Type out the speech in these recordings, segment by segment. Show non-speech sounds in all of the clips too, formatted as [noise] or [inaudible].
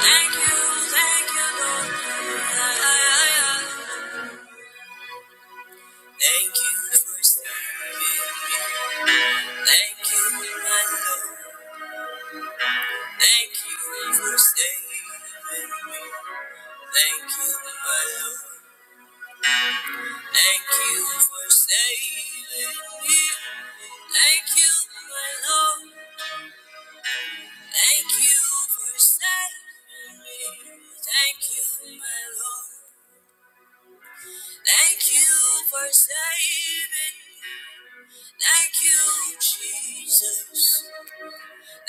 Thank you, thank you, Lord. Thank you for saving. Thank you, my Lord. Thank you for saving me. Thank you, my Lord. Thank you for saving me. Thank you, my Lord. Thank you for saving me. Thank you, my Lord. Thank you for saving me. Thank you, Jesus.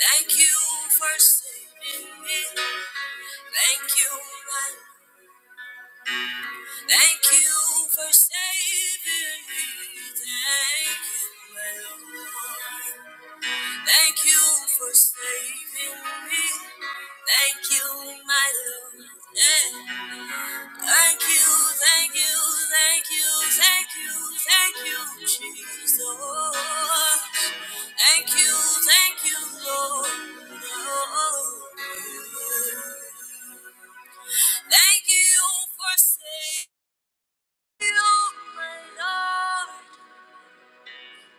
Thank you for saving me. Thank you, my. Thank you for saving me. Thank you, my Lord. Thank you for saving me. Thank you, my Lord. Eh, Thank you, thank you, thank you, thank you, thank you, Jesus. Thank you, thank you, Lord. Lord. Thank you for saving you, my Lord.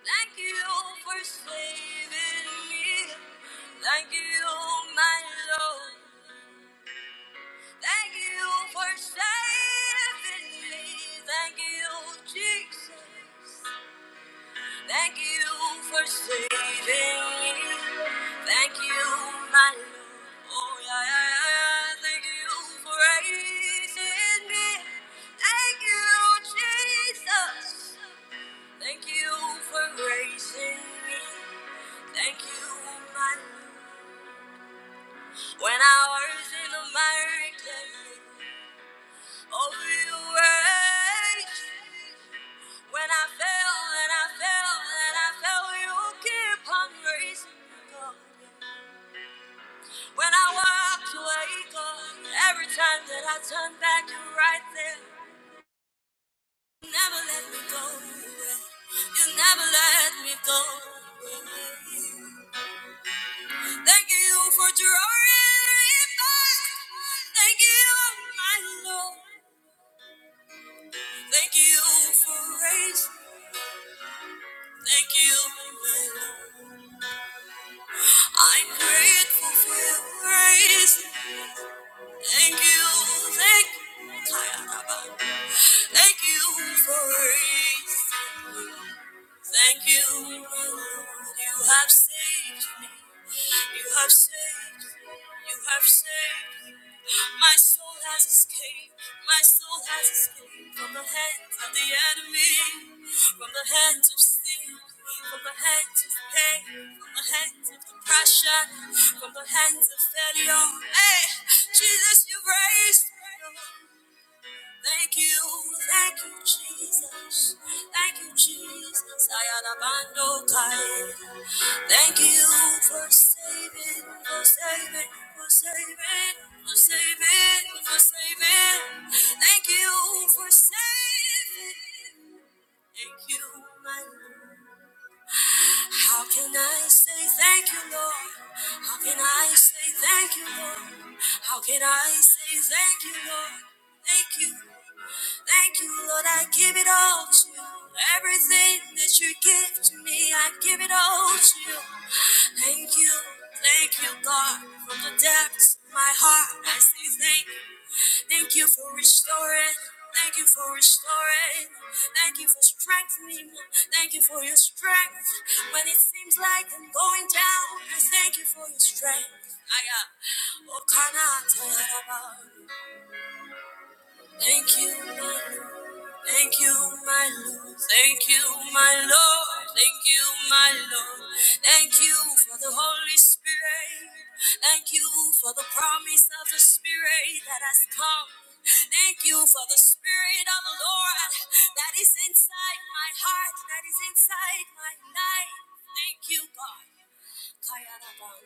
Thank you for saving me. Thank you, my Lord. Thank you for saving me. Thank you, Jesus. Thank you for saving me. Thank you, my Lord. Oh, yeah, yeah, yeah. Thank you for raising me. Thank you, Jesus. Thank you for raising me. Thank you, my Lord. When I was in America, oh, you raised me. When I fell and I fell and I fell, you keep on raising me, God. When I walked away, God, every time that I turn back, you're right there. You never let me go. You never let me go. Thank you for drawing me back. Thank you, my Lord. Thank you for raising. Thank you, my Lord. I'm grateful for your grace. Thank you, thank you, Thank you for grace. Thank you, Lord. You have saved me. You have saved You have saved My soul has escaped. My soul has escaped from the hands of the enemy, from the hands of sin, from the hands of pain, from the hands of depression, from the hands of failure. Hey, Jesus, you have raised me. Thank you, thank you, Jesus. Thank you, Jesus. Ayarabando Kai. Thank you for saving, for saving, for saving, for saving, for saving. Thank you for saving. Thank you, my Lord. How can I say thank you, Lord? How can I say thank you, Lord? How can I say thank you, Lord? Thank you. Thank you, Lord, I give it all to you. Everything that you give to me, I give it all to you. Thank you, thank you, God, from the depths of my heart. I say thank you. Thank you for restoring. Thank you for restoring. Thank you for strengthening. Thank you for your strength. When it seems like I'm going down, I thank you for your strength. I, uh, Thank you, Lord. Thank you, my Lord. Thank you, my Lord. Thank you, my Lord. Thank you for the Holy Spirit. Thank you for the promise of the Spirit that has come. Thank you for the Spirit of the Lord that is inside my heart, that is inside my life. Thank you, God. Kaya Rabba.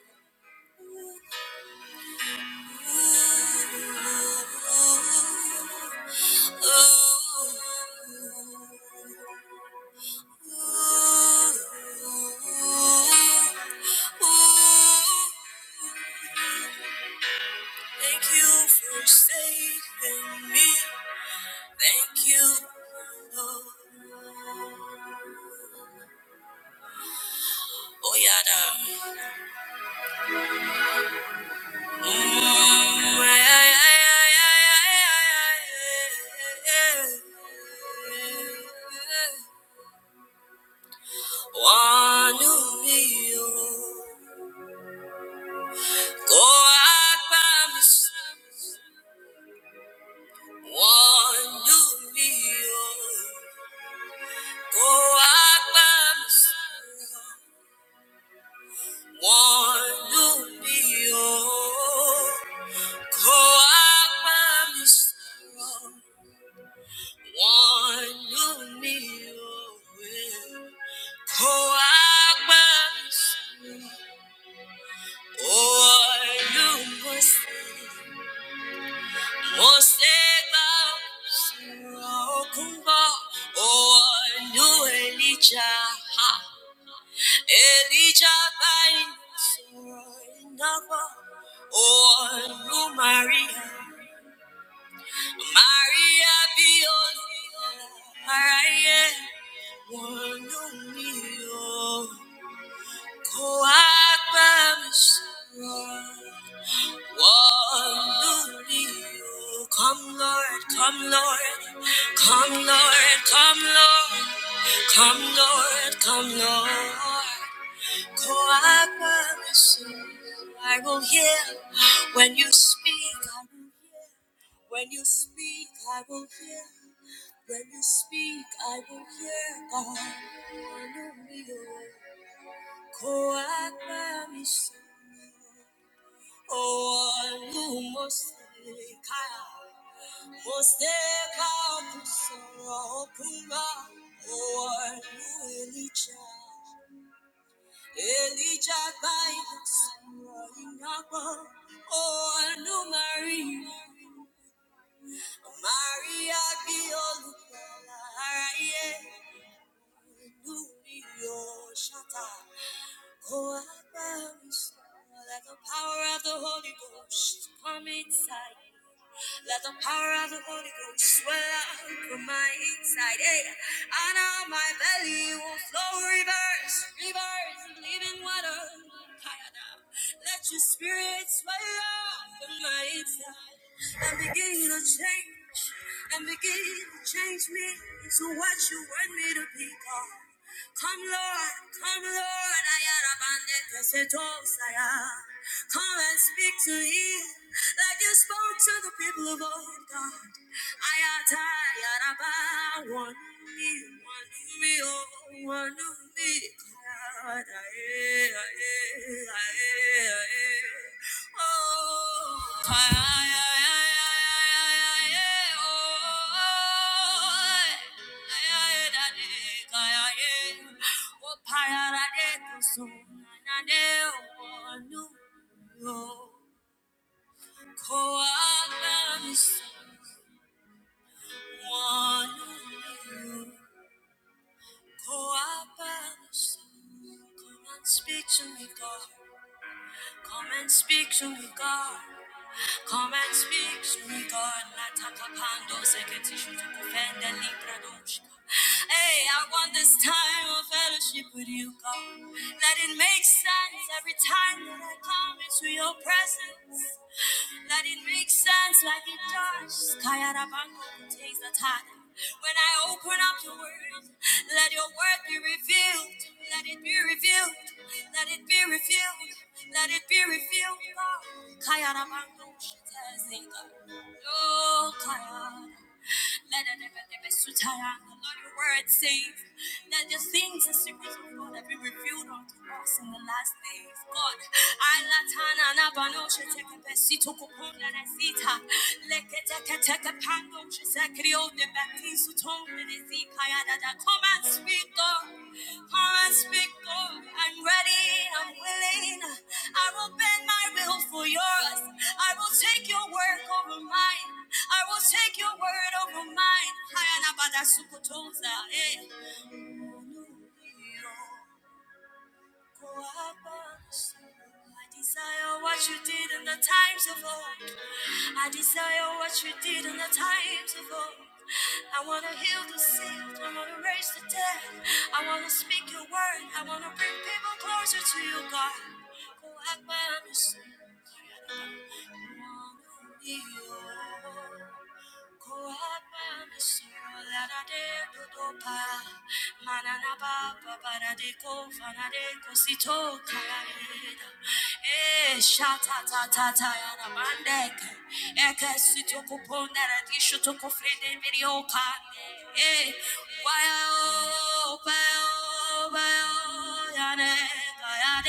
Ooh, ooh, ooh. Thank you for saving me. Thank you, Lord. Oh, yada. Mm, yeah, yeah, yeah, yeah, yeah, yeah, yeah. One who knew. Go out by me. One who knew. Walk by my side. One who be all. Walk by my side. One who be all. Walk by my side. One who must Moseba, Kumba, Oh, I knew Elijah. Elijah Nawa or Maria be Maria Biola Maraye Wolumio Coagbamisura Wolumio Come Lord, come Lord, come Lord, come Lord, come Lord, come Lord. Call I promise I will hear when you speak. I will hear when you speak. I will hear when you speak. I will hear God. Oh, I promise Oh, you must take care. must take out the sorrow. Oh, you will be charged. Elijah Bibles, Yabo, oh, Anu Marie, Maria Biolu, Araye, Numio Shata, Koa Like the power of the Holy Ghost, come inside. Let the power of the Holy Ghost swell out from my inside. Hey, and out my belly will flow rivers, rivers of living water. Let your spirit swell out from my inside and begin to change and begin to change me into what you want me to be. God. Come, Lord, come, Lord, Ayarabande Kesetosaya. Come and speak to him like you spoke to the people of old God. Ayata Yaraba, one me, one me, oh, one me. God, aye, aye, aye, aye. Oh, aye, aye, aye, aye, aye, aye, oh, aye. Come and Speak to me, God. Come and speak to me, God. Come and speak to me, God. Latakapando seketishu tukupenda libradoshka. Hey, I want this time of fellowship with you, God. Let it make sense every time that I come into your presence. Let it make sense like it does. Kayarabango takes the time. When I open up your word, let your word be revealed. Let it be revealed. Let it be revealed. Let it be revealed. Oh, Kayarabango, she tells me, Oh, Kayarabango. Let it Lord, your word says that the things and secrets of God have been revealed unto us in the last days. God, I latana na banosha teke besito kupona na sita. Leke teke teke pando chisakrio de batisu tone. Come and speak, God. Come and speak, God. I'm ready. I'm willing. I will bend my will for yours. I will take your word over mine. I will take your word over mine. eh. I desire what you did in the times of old. I desire what you did in the times of old. I want to heal the sick. I want to raise the dead. I want to speak your word. I want to bring people closer to you, God. Go I wanna be yours. Why, oh, why, oh, why, oh,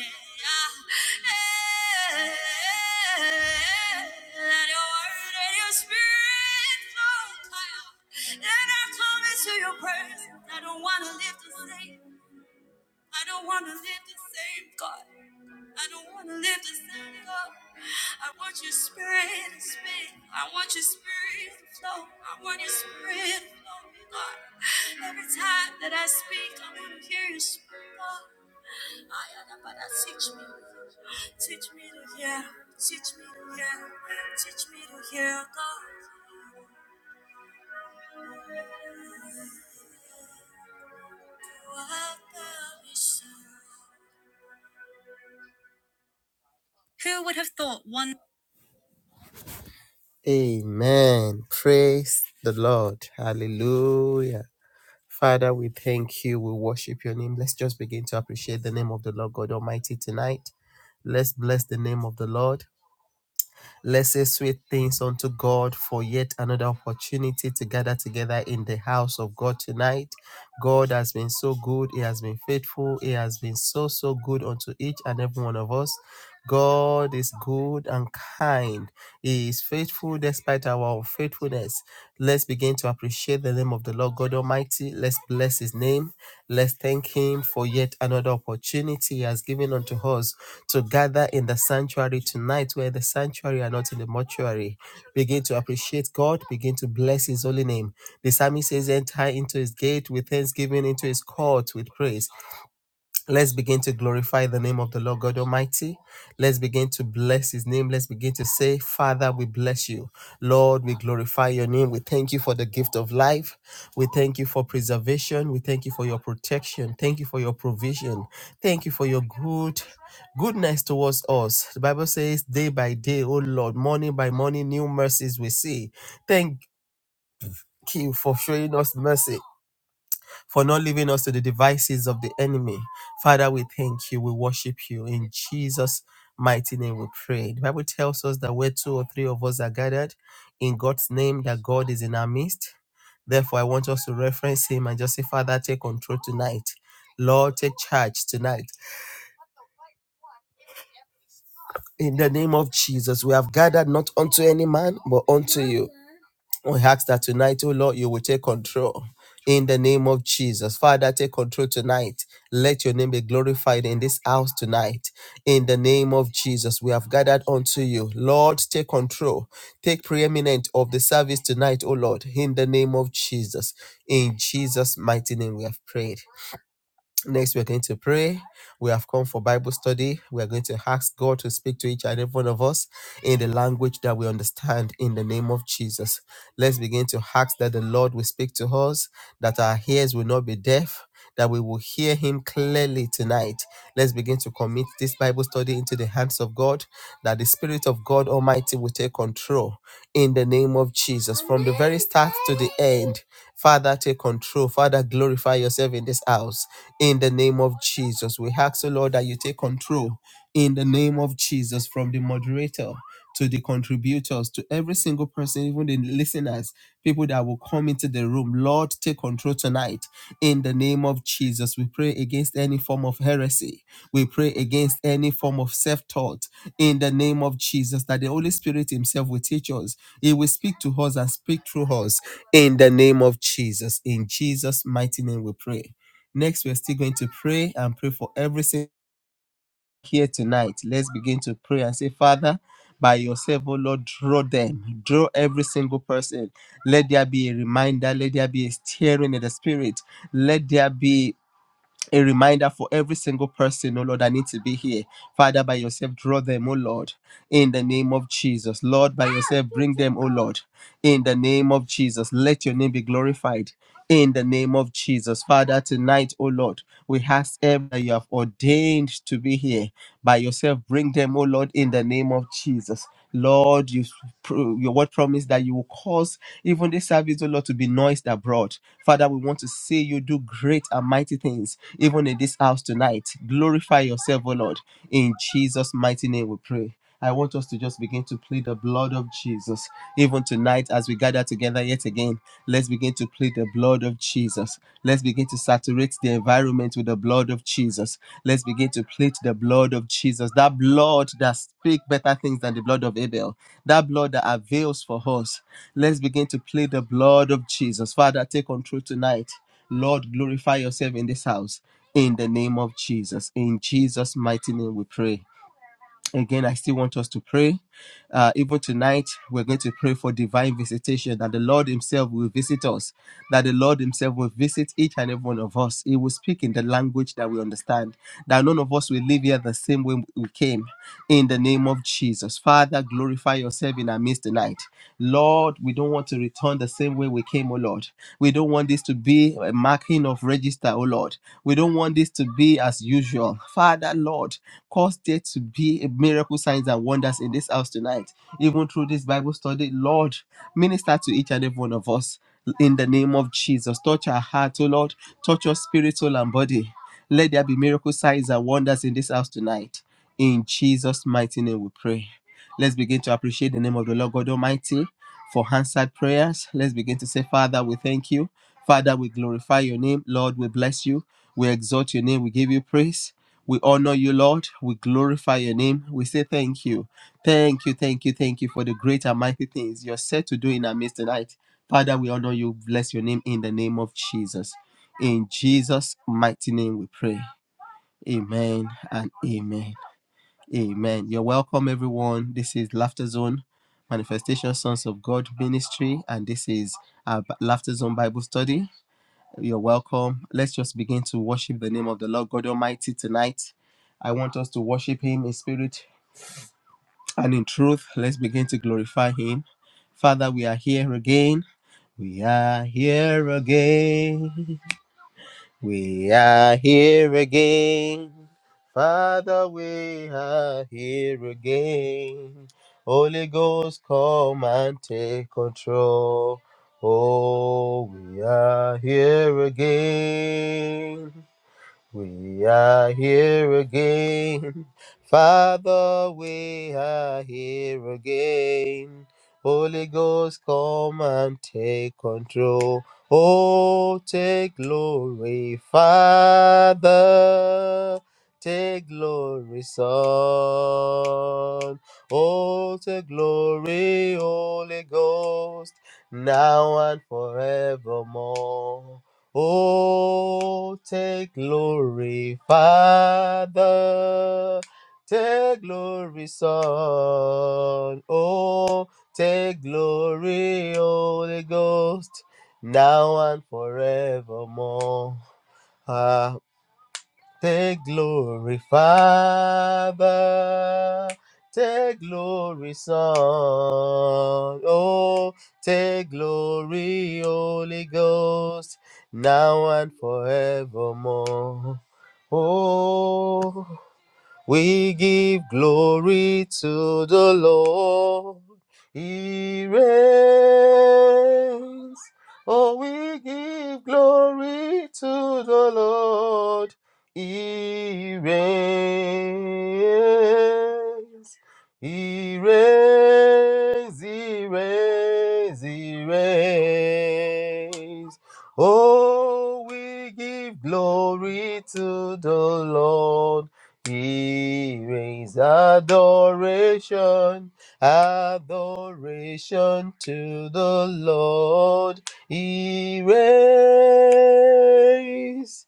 let your word and your spirit flow higher Let I come into your presence I don't want to live the same I don't want to live the same God I don't want to live the same God I want your spirit to speak I want your spirit to flow I want your spirit to flow God Every time that I speak I want to hear your spirit God Ayadabada, Teach me, teach me to hear, teach me to hear, teach me to hear God. what there is. Who would have thought one? Amen. Praise the Lord. Hallelujah. Father, we thank you. We worship your name. Let's just begin to appreciate the name of the Lord God Almighty tonight. Let's bless the name of the Lord. Let's say sweet things unto God for yet another opportunity to gather together in the house of God tonight. God has been so good. He has been faithful. He has been so, so good unto each and every one of us. God is good and kind. He is faithful despite our unfaithfulness. Let's begin to appreciate the name of the Lord God Almighty. Let's bless his name. Let's thank him for yet another opportunity he has given unto us to gather in the sanctuary tonight, where the sanctuary are not in the mortuary. Begin to appreciate God. Begin to bless his holy name. The psalmist says, Enter into his gate with thanksgiving, into his court with praise. Let's begin to glorify the name of the Lord God Almighty. Let's begin to bless his name. Let's begin to say, Father, we bless you. Lord, we glorify your name. We thank you for the gift of life. We thank you for preservation. We thank you for your protection. Thank you for your provision. Thank you for your good goodness towards us. The Bible says, day by day, oh Lord, morning by morning, new mercies we see. Thank you for showing us mercy for not leaving us to the devices of the enemy. Father, we thank you. We worship you. In Jesus' mighty name we pray. The Bible tells us that where two or three of us are gathered in God's name, that God is in our midst. Therefore, I want us to reference him and just say, Father, take control tonight. Lord, take charge tonight. In the name of Jesus, we have gathered not unto any man, but unto you. We ask that tonight, oh Lord, you will take control. In the name of Jesus. Father, take control tonight. Let your name be glorified in this house tonight. In the name of Jesus, we have gathered unto you. Lord, take control. Take preeminent of the service tonight, O Lord. In the name of Jesus. In Jesus' mighty name, we have prayed. Next, we're going to pray. We have come for Bible study. We are going to ask God to speak to each and every one of us in the language that we understand in the name of Jesus. Let's begin to ask that the Lord will speak to us, that our ears will not be deaf, that we will hear Him clearly tonight. Let's begin to commit this Bible study into the hands of God, that the Spirit of God Almighty will take control in the name of Jesus from the very start to the end. Father, take control. Father, glorify yourself in this house in the name of Jesus. We ask, O Lord, that you take control in the name of Jesus from the moderator to the contributors, to every single person, even the listeners, people that will come into the room. Lord, take control tonight in the name of Jesus. We pray against any form of heresy. We pray against any form of self taught in the name of Jesus, that the Holy Spirit Himself will teach us. He will speak to us and speak through us in the name of Jesus. In Jesus' mighty name we pray. Next, we're still going to pray and pray for everything here tonight. Let's begin to pray and say, Father, by yourself, oh Lord, draw them, draw every single person. Let there be a reminder, let there be a stirring in the spirit, let there be a reminder for every single person, oh Lord, I need to be here. Father, by yourself, draw them, oh Lord, in the name of Jesus. Lord, by yourself, bring them, oh Lord in the name of Jesus. Let your name be glorified in the name of Jesus. Father, tonight, oh Lord, we ask every that you have ordained to be here by yourself. Bring them, oh Lord, in the name of Jesus. Lord, you pro- your word promised that you will cause even this service, oh Lord, to be noised abroad. Father, we want to see you do great and mighty things, even in this house tonight. Glorify yourself, oh Lord. In Jesus' mighty name we pray. I want us to just begin to plead the blood of Jesus. Even tonight, as we gather together yet again, let's begin to plead the blood of Jesus. Let's begin to saturate the environment with the blood of Jesus. Let's begin to plead the blood of Jesus. That blood that speaks better things than the blood of Abel. That blood that avails for us. Let's begin to plead the blood of Jesus. Father, take control tonight. Lord, glorify yourself in this house. In the name of Jesus. In Jesus' mighty name we pray. Again, I still want us to pray. Uh, even tonight, we're going to pray for divine visitation that the Lord Himself will visit us, that the Lord Himself will visit each and every one of us. He will speak in the language that we understand, that none of us will live here the same way we came. In the name of Jesus. Father, glorify yourself in our midst tonight. Lord, we don't want to return the same way we came, O Lord. We don't want this to to be a marking of register, oh Lord. We don't want this to be as usual. Father, Lord, cause there to be a miracle signs and wonders in this house tonight. Even through this Bible study, Lord, minister to each and every one of us in the name of Jesus. Touch our heart, oh Lord. Touch our spirit, soul, and body. Let there be miracle signs and wonders in this house tonight. In Jesus' mighty name we pray. Let's begin to appreciate the name of the Lord God Almighty for answered prayers. Let's begin to say, Father, we thank you. Father, we glorify your name. Lord, we bless you. We exalt your name. We give you praise. We honor you, Lord. We glorify your name. We say thank you. Thank you, thank you, thank you for the great and mighty things you're set to do in our midst tonight. Father, we honor you. Bless your name in the name of Jesus. In Jesus' mighty name we pray. Amen and amen. Amen. You're welcome, everyone. This is Laughter Zone, Manifestation Sons of God Ministry, and this is our Laughter Zone Bible Study. You're welcome. Let's just begin to worship the name of the Lord God Almighty tonight. I want us to worship Him in spirit and in truth. Let's begin to glorify Him. Father, we are here again. We are here again. We are here again. Father, we are here again. Holy Ghost, come and take control. Oh, we are here again. We are here again. Father, we are here again. Holy Ghost, come and take control. Oh, take glory, Father. Take glory, Son. Oh, take glory, Holy Ghost, now and forevermore. Oh, take glory, Father. Take glory, Son. Oh, take glory, Holy Ghost, now and forevermore. Ah, Take glory, Father. Take glory, Son. Oh, take glory, Holy Ghost, now and forevermore. Oh, we give glory to the Lord. He reigns. Oh, we give glory to the Lord. He reigns. He reigns. He reigns. He reigns. Oh, we give glory to the Lord. He raised adoration, adoration to the Lord. He raised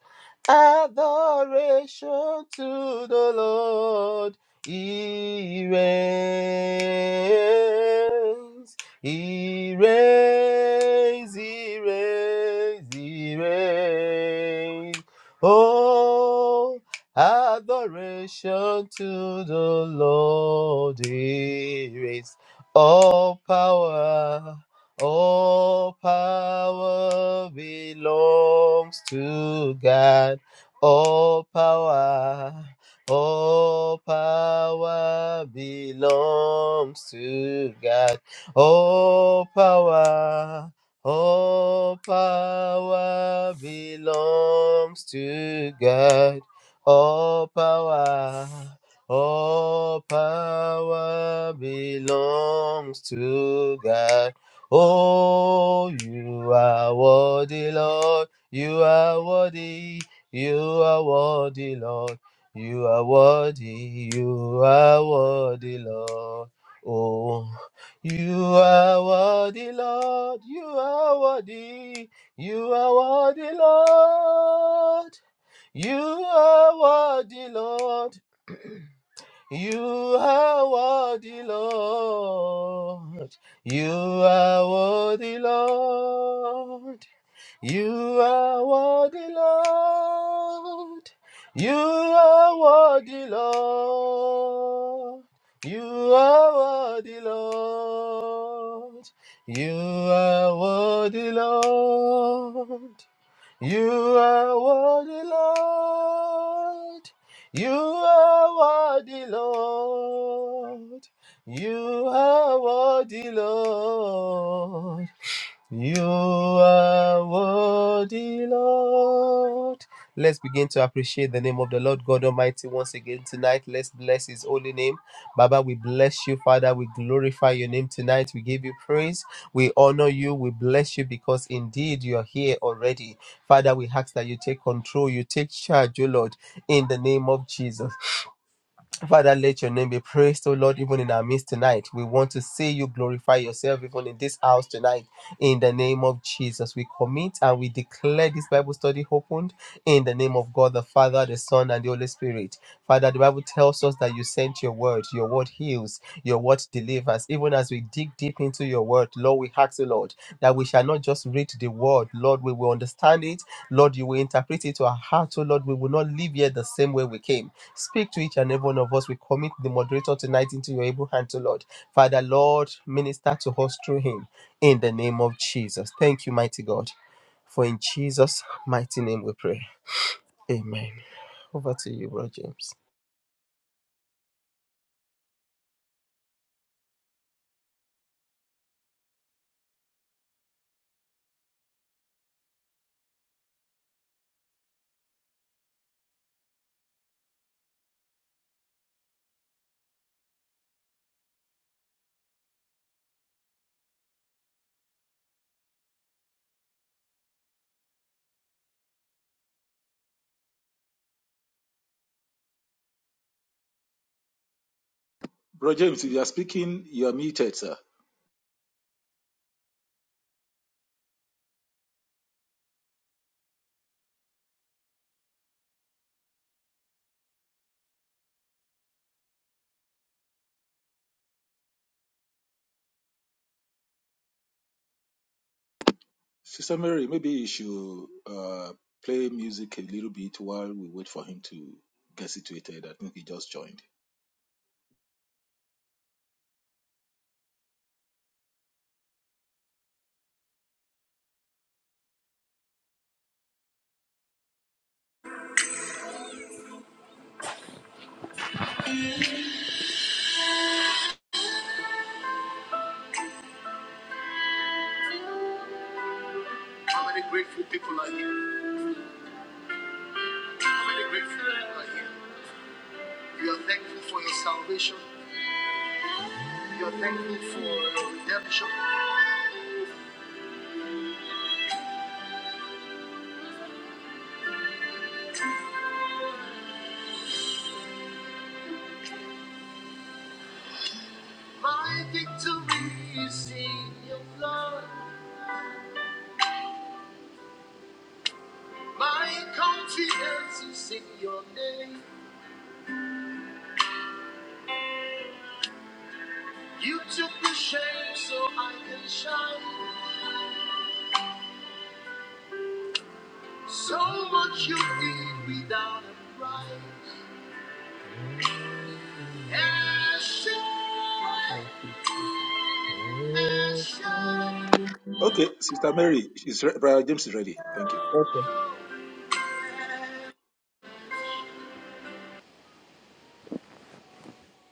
adoration to the Lord. He reigns, he reigns, he reigns, he reigns. Oh, Adoration to the Lord. He reigns. All power, all power belongs to God. All power, all power belongs to God. All power. All power belongs to God. All power, all power belongs to God. Oh, you are worthy, Lord. You are worthy. You are worthy, Lord. You are worthy. You are worthy, Lord. Oh, you are worthy, Lord. You are worthy. You are worthy, Lord. You are worthy, Lord. You are worthy, Lord. You are worthy, Lord. You are worthy, Lord. You are worthy, Lord. You are worthy, Lord. You are worthy, Lord. You are worthy, Lord. You are worthy, Lord. You are worthy, Lord. You are worthy, Lord. Let's begin to appreciate the name of the Lord God Almighty once again tonight. Let's bless His holy name. Baba, we bless you, Father. We glorify your name tonight. We give you praise. We honor you. We bless you because indeed you are here already. Father, we ask that you take control, you take charge, O Lord, in the name of Jesus. Father, let your name be praised, O Lord, even in our midst tonight. We want to see you glorify yourself even in this house tonight. In the name of Jesus, we commit and we declare this Bible study opened in the name of God the Father, the Son, and the Holy Spirit. Father, the Bible tells us that you sent your word. Your word heals. Your word delivers. Even as we dig deep into your word, Lord, we ask you, Lord, that we shall not just read the word. Lord, we will understand it. Lord, you will interpret it to our heart. Oh, Lord, we will not leave here the same way we came. Speak to each and every one of us. We commit the moderator tonight into your able hand, oh, Lord. Father, Lord, minister to us through him in the name of Jesus. Thank you, mighty God. For in Jesus' mighty name we pray. Amen. Over to you, Brother James. Bro James, if you are speaking, you are muted, sir. Sister Mary, maybe you should uh, play music a little bit while we wait for him to get situated. I think he just joined. How many grateful people are here? How many grateful people are here? You are thankful for your salvation. You are thankful for your redemption. My victory is in your blood. My confidence is in your name. You took the shame so I can shine. So much you did without a price. Ashes, Okay, Sister Mary, is re- Brother James is ready. Thank you. ashes.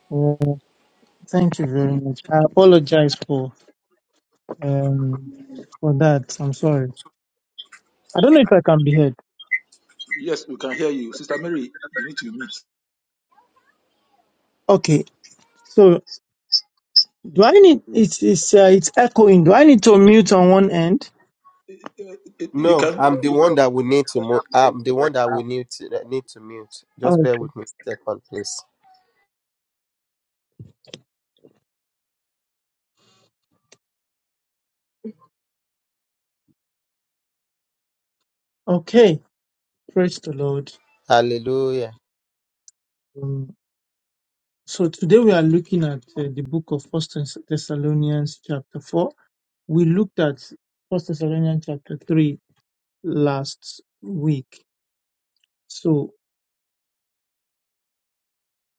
Oh, thank you very much. I apologize for um for that. I'm sorry. I don't know if I can be heard. Yes, we can hear you. Sister Mary, you need to mute. Okay. So do I need it's it's uh, it's echoing. Do I need to mute on one end? Uh, You No, can. I'm the one that will need to mute. I'm the one that will need to that need to mute. Just bear Okay. with me a second, please. Okay. Praise the Lord. Hallelujah. Um, so today we are looking at uh, the book of First Thess- Thessalonians chapter four. We looked at First Thessalonians chapter three last week. So.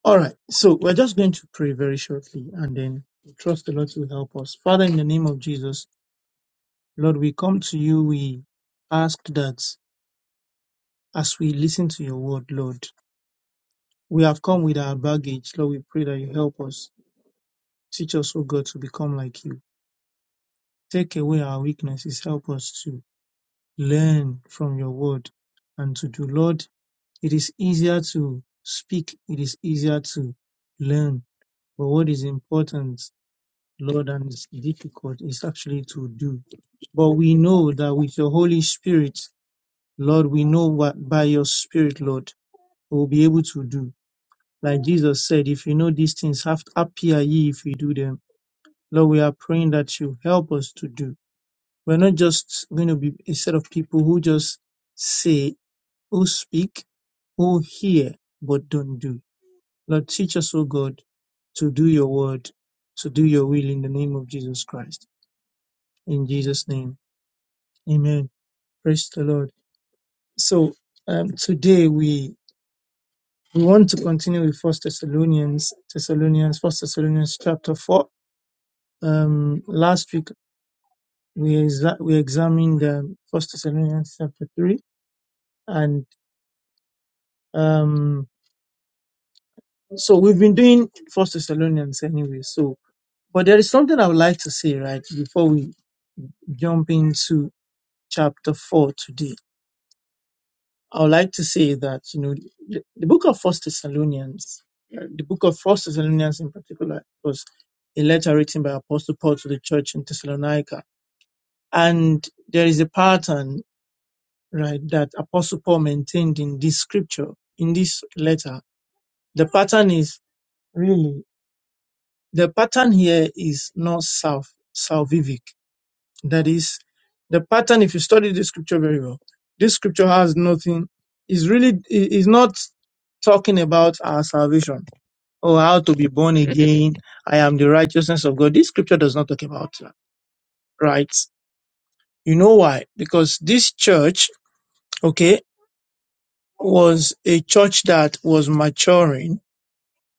All right, so we're just going to pray very shortly and then we trust the Lord to help us. Father, in the name of Jesus, Lord, we come to you. We ask that as we listen to your word, Lord, we have come with our baggage. Lord, we pray that you help us. Teach us, oh God, to become like you. Take away our weaknesses. Help us to learn from your word and to do. Lord, it is easier to speak, it is easier to learn. But what is important Lord, and it's difficult. It's actually to do. But we know that with your Holy Spirit, Lord, we know what by your Spirit, Lord, we'll be able to do. Like Jesus said, if you know these things, have happy are ye if you do them. Lord, we are praying that you help us to do. We're not just going to be a set of people who just say, who speak, who hear, but don't do. Lord, teach us, O God, to do your word, to do your will in the name of Jesus Christ. In Jesus' name. Amen. Praise the Lord. So um, today we we want to continue with First Thessalonians, Thessalonians, First Thessalonians chapter four. Um, last week we exa- we examined um, First Thessalonians chapter three, and um, so we've been doing First Thessalonians anyway. So, but there is something I would like to say right before we jump into chapter four today I would like to say that you know the, the book of First Thessalonians, uh, the book of First Thessalonians in particular, was a letter written by Apostle Paul to the church in Thessalonica, and there is a pattern right that Apostle Paul maintained in this scripture in this letter. The pattern is really the pattern here is not self salvific. That is the pattern. If you study this scripture very well, this scripture has nothing. Is really is not talking about our salvation or how to be born again. I am the righteousness of God. This scripture does not talk about that, right? You know why? Because this church, okay, was a church that was maturing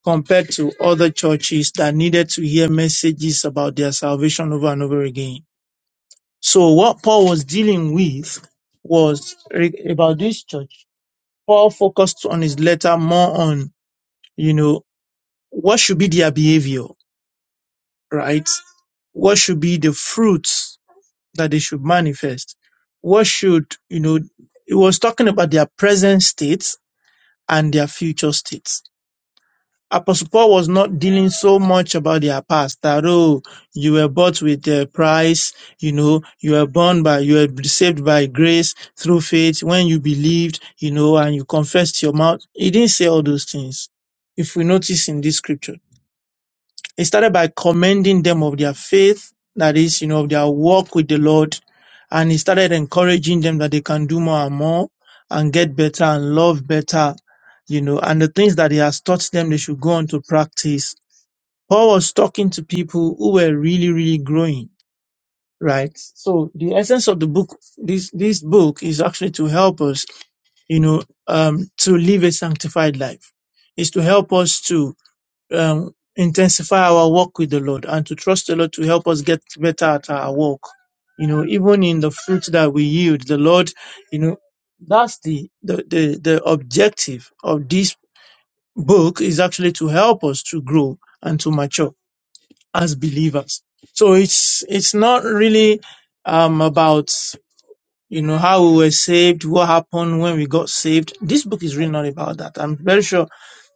compared to other churches that needed to hear messages about their salvation over and over again So what Paul was dealing with was re- about this church. Paul focused on his letter more on, you know, what should be their behavior, right? What should be the fruits that they should manifest? What should, you know, it was talking about their present states and their future states Apostle Paul was not dealing so much about their past that, oh, you were bought with a price, you know, you were born by, you were saved by grace through faith when you believed, you know, and you confessed your mouth. He didn't say all those things. If we notice in this scripture. He started by commending them of their faith, that is, you know, of their walk with the Lord. And he started encouraging them that they can do more and more and get better and love better, you know, and the things that he has taught them they should go on to practice. Paul was talking to people who were really, really growing, right? So the essence of the book, this, this book is actually to help us, you know, um, to live a sanctified life, is to help us to um, intensify our walk with the Lord and to trust the Lord to help us get better at our work. You know, even in the fruit that we yield, the Lord, you know, that's the, the, the, the objective of this book is actually to help us to grow and to mature as believers. So it's, it's not really, um, about you know, how we were saved, what happened when we got saved. This book is really not about that. I'm very sure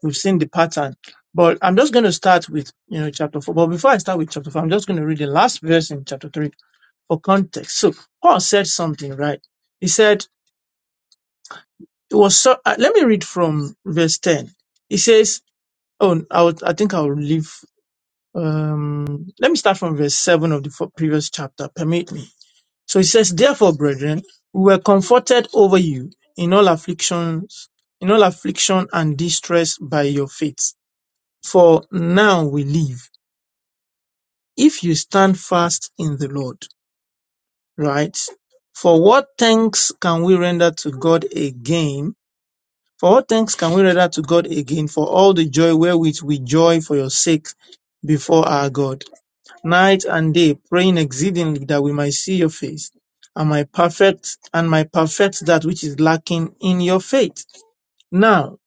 we've seen the pattern. But I'm just going to start with, you know, chapter four. But before I start with chapter four, I'm just going to read the last verse in chapter three for context. So Paul said something, right? He said, it was so, uh, let me read from verse 10. He says, oh, I, would, I think I'll leave, um, let me start from verse seven of the fo- previous chapter. Permit me. So he says, Therefore, brethren, we were comforted over you in all afflictions, in all affliction and distress by your faith. For now we live, if you stand fast in the Lord. Right? For what thanks can we render to God again? For what thanks can we render to God again for all the joy wherewith we joy for your sake before our God? night and day, praying exceedingly that we might see your face, and my perfect and my perfect that which is lacking in your faith. Now,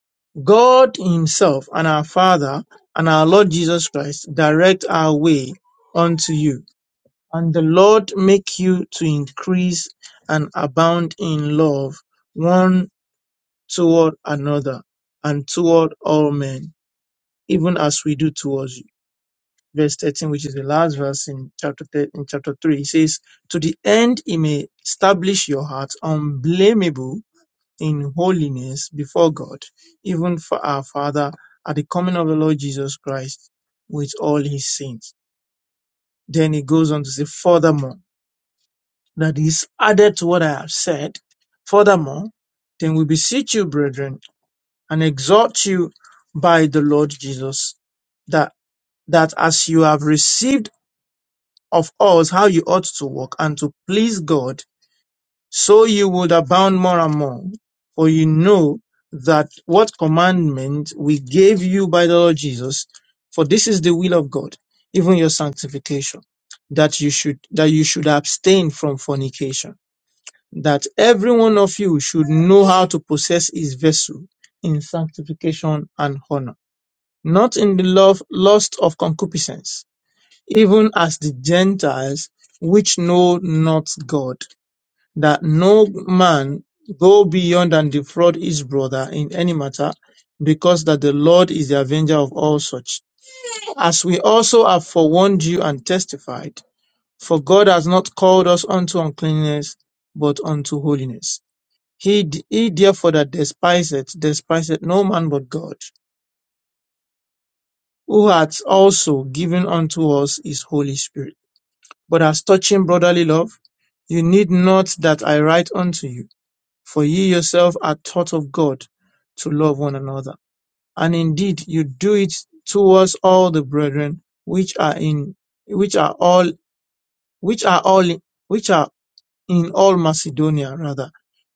God Himself and our Father and our Lord Jesus Christ direct our way unto you, and the Lord make you to increase and abound in love one toward another and toward all men, even as we do towards you verse 13, which is the last verse in chapter, thir- in chapter 3. He says, To the end he may establish your hearts unblameable in holiness before God, even for our Father at the coming of the Lord Jesus Christ with all his saints. Then he goes on to say, Furthermore, that is added to what I have said. Furthermore, then we beseech you, brethren, and exhort you by the Lord Jesus, that, that as you have received of us how you ought to walk and to please God, so you would abound more and more. For you know that what commandment we gave you by the Lord Jesus, for this is the will of God, even your sanctification, that you should that you should abstain from fornication, that every one of you should know how to possess his vessel in sanctification and honor, not in the love lust of concupiscence even as the Gentiles which know not God, that no man go beyond and defraud his brother in any matter, because that the Lord is the avenger of all such. As we also have forewarned you and testified, for God has not called us unto uncleanness, but unto holiness. He, he therefore that despiseth, despiseth no man but God, who hath also given unto us his Holy Spirit. But as touching brotherly love, you need not that I write unto you, for ye yourself are taught of God to love one another. And indeed you do it towards all the brethren which are in which are all which are all which are in all Macedonia rather.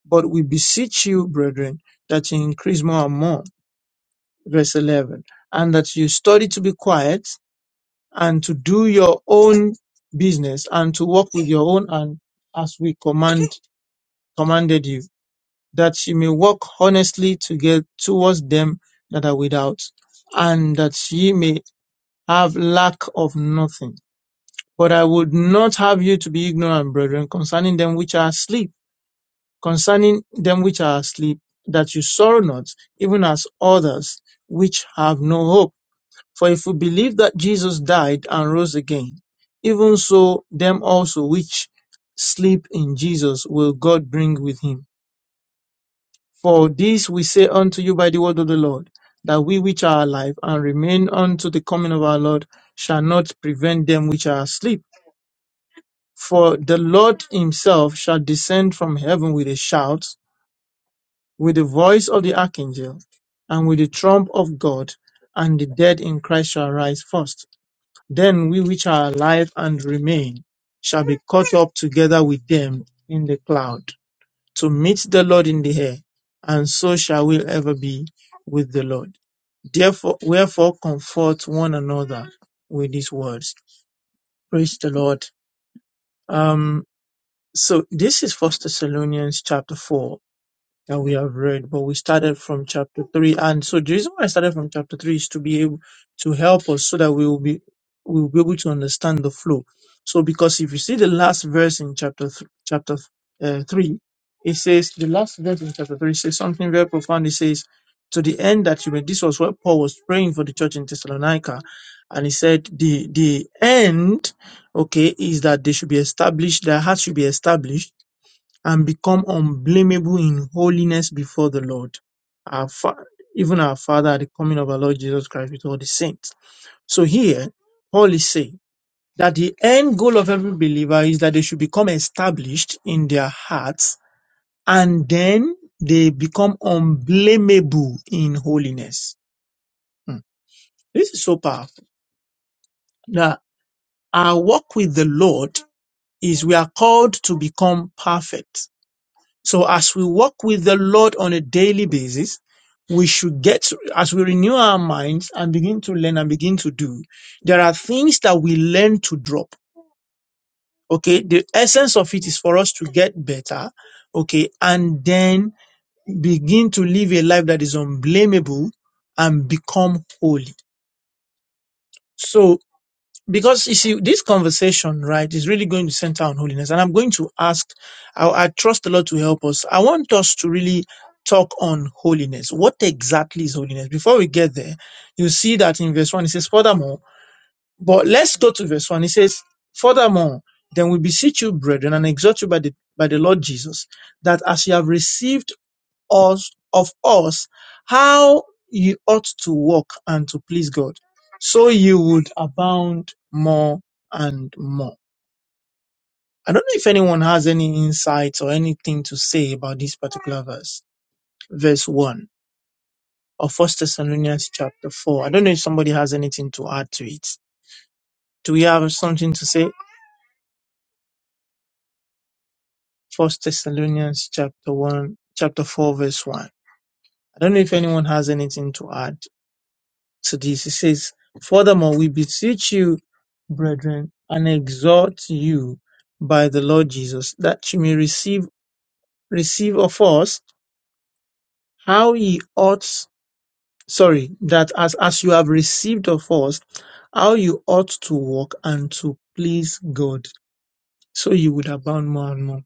But we beseech you, brethren, that you increase more and more. Verse 11. And that you study to be quiet and to do your own business and to work with your own hand as we command commanded you, that she may walk honestly to get towards them that are without, and that she may have lack of nothing. But I would not have you to be ignorant, brethren, concerning them which are asleep, concerning them which are asleep, that you sorrow not, even as others which have no hope. For if we believe that Jesus died and rose again, even so them also which sleep in Jesus will God bring with him. For this we say unto you by the word of the Lord, that we which are alive and remain unto the coming of our Lord shall not prevent them which are asleep. For the Lord himself shall descend from heaven with a shout, with the voice of the archangel, and with the trump of God, and the dead in Christ shall rise first. Then we which are alive and remain shall be caught up together with them in the cloud to meet the Lord in the air, and so shall we ever be with the Lord. Therefore, wherefore comfort one another with these words. Praise the Lord. Um, so this is First Thessalonians chapter four, that we have read, but we started from chapter three. And so the reason why I started from chapter three is to be able to help us so that we will be we will be able to understand the flow. So because if you see the last verse in chapter th- chapter uh, three, it says the last verse in chapter three says something very profound. It says to the end that you may. This was what Paul was praying for the church in Thessalonica, and he said the the end, okay, is that they should be established. Their hearts should be established and become unblameable in holiness before the Lord, our fa- even our Father at the coming of our Lord Jesus Christ with all the saints. So here, Paul is saying that the end goal of every believer is that they should become established in their hearts and then they become unblameable in holiness. Hmm. This is so powerful. Now, our walk with the Lord is we are called to become perfect So as we walk with the Lord on a daily basis, we should get, as we renew our minds and begin to learn and begin to do, there are things that we learn to drop. Okay. The essence of it is for us to get better. Okay. And then begin to live a life that is unblameable and become holy. So. because you see this conversation right is really going to center on holiness and i'm going to ask I, I trust the lord to help us i want us to really talk on holiness what exactly is holiness before we get there you see that in verse 1 it says furthermore but let's go to verse 1 it says furthermore then we beseech you brethren and exhort you by the by the lord jesus that as you have received us of us how you ought to walk and to please God, so you would abound more and more. I don't know if anyone has any insights or anything to say about this particular verse, verse one of First Thessalonians chapter four. I don't know if somebody has anything to add to it. Do we have something to say? First Thessalonians chapter one, chapter four, verse one. I don't know if anyone has anything to add. to this. He says, Furthermore, we beseech you, brethren, and exhort you by the Lord Jesus, that you may receive receive of us how ye ought sorry, that as, as you have received of us, how you ought to walk and to please God, so you would abound more and more.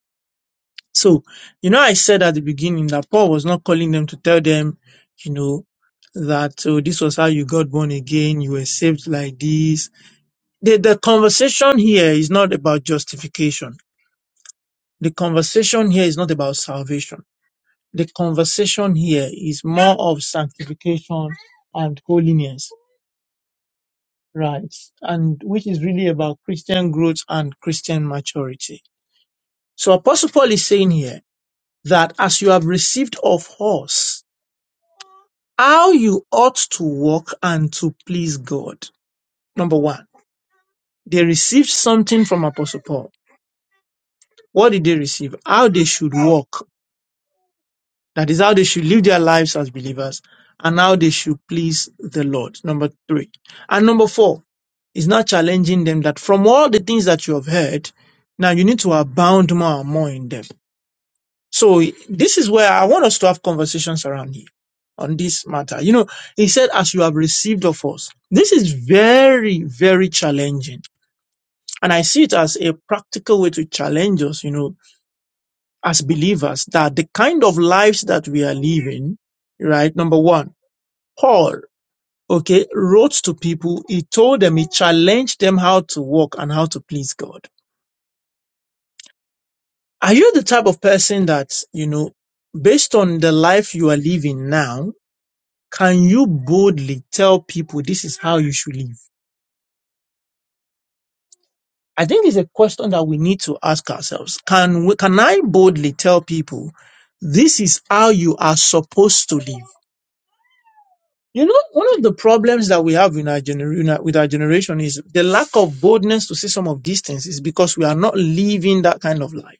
So, you know, I said at the beginning that Paul was not calling them to tell them, you know, that oh, this was how you got born again, you were saved like this, the, the conversation here is not about justification. The conversation here is not about salvation. The conversation here is more of sanctification and holiness, right? And which is really about Christian growth and Christian maturity. So Apostle Paul is saying here that as you have received of us, how you ought to walk and to please God. Number one, they received something from Apostle Paul. What did they receive? How they should walk That is how they should live their lives as believers and how they should please the Lord. Number three. And number four is now challenging them that from all the things that you have heard, now you need to abound more and more in them. So this is where I want us to have conversations around here on this matter. You know, he said, as you have received of us. This is very, very challenging. And I see it as a practical way to challenge us, you know, as believers that the kind of lives that we are living, right? Number one, Paul, okay, wrote to people. He told them, he challenged them how to walk and how to please God. Are you the type of person that, you know, based on the life you are living now, can you boldly tell people this is how you should live? I think it's a question that we need to ask ourselves. Can we, can I boldly tell people this is how you are supposed to live? You know, one of the problems that we have in our gener- in our- with our generation is the lack of boldness to say some of these things is because we are not living that kind of life.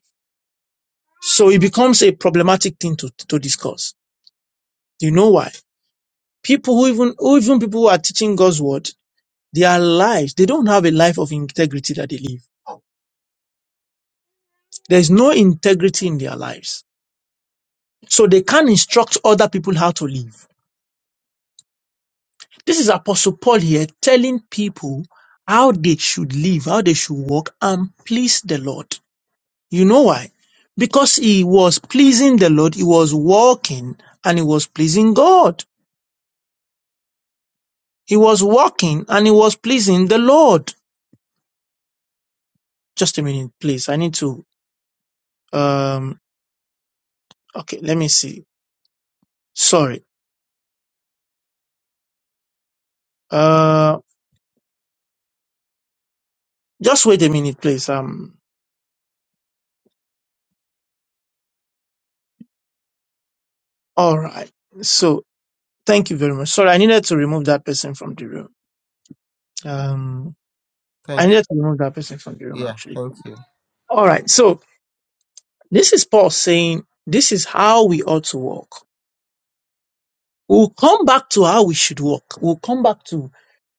So it becomes a problematic thing to, to discuss. Do you know why? People who even, who even people who are teaching God's word, their lives, they don't have a life of integrity that they live. There's no integrity in their lives. So they can't instruct other people how to live. This is Apostle Paul here telling people how they should live, how they should walk and please the Lord. You know why? Because he was pleasing the Lord, he was walking and he was pleasing God. He was walking and he was pleasing the Lord. Just a minute, please. I need to um okay, let me see. Sorry. Uh just wait a minute, please. Um all right. So thank you very much. Sorry, I needed to remove that person from the room. Um I Thank needed to remove that person from the room you. Yeah, actually. thank you. All right. So this is Paul saying this is how we ought to walk. We'll come back to how we should walk. We'll come back to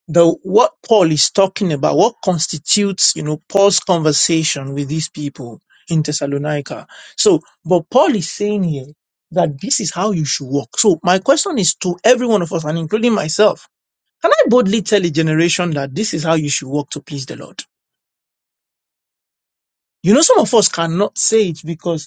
the what Paul is talking about, what constitutes, you know, Paul's conversation with these people in Thessalonica. So, but Paul is saying here that this is how you should walk. So my question is to every one of us and including myself. Can I boldly tell a generation that this is how you should walk to please the Lord? You know, some of us cannot say it because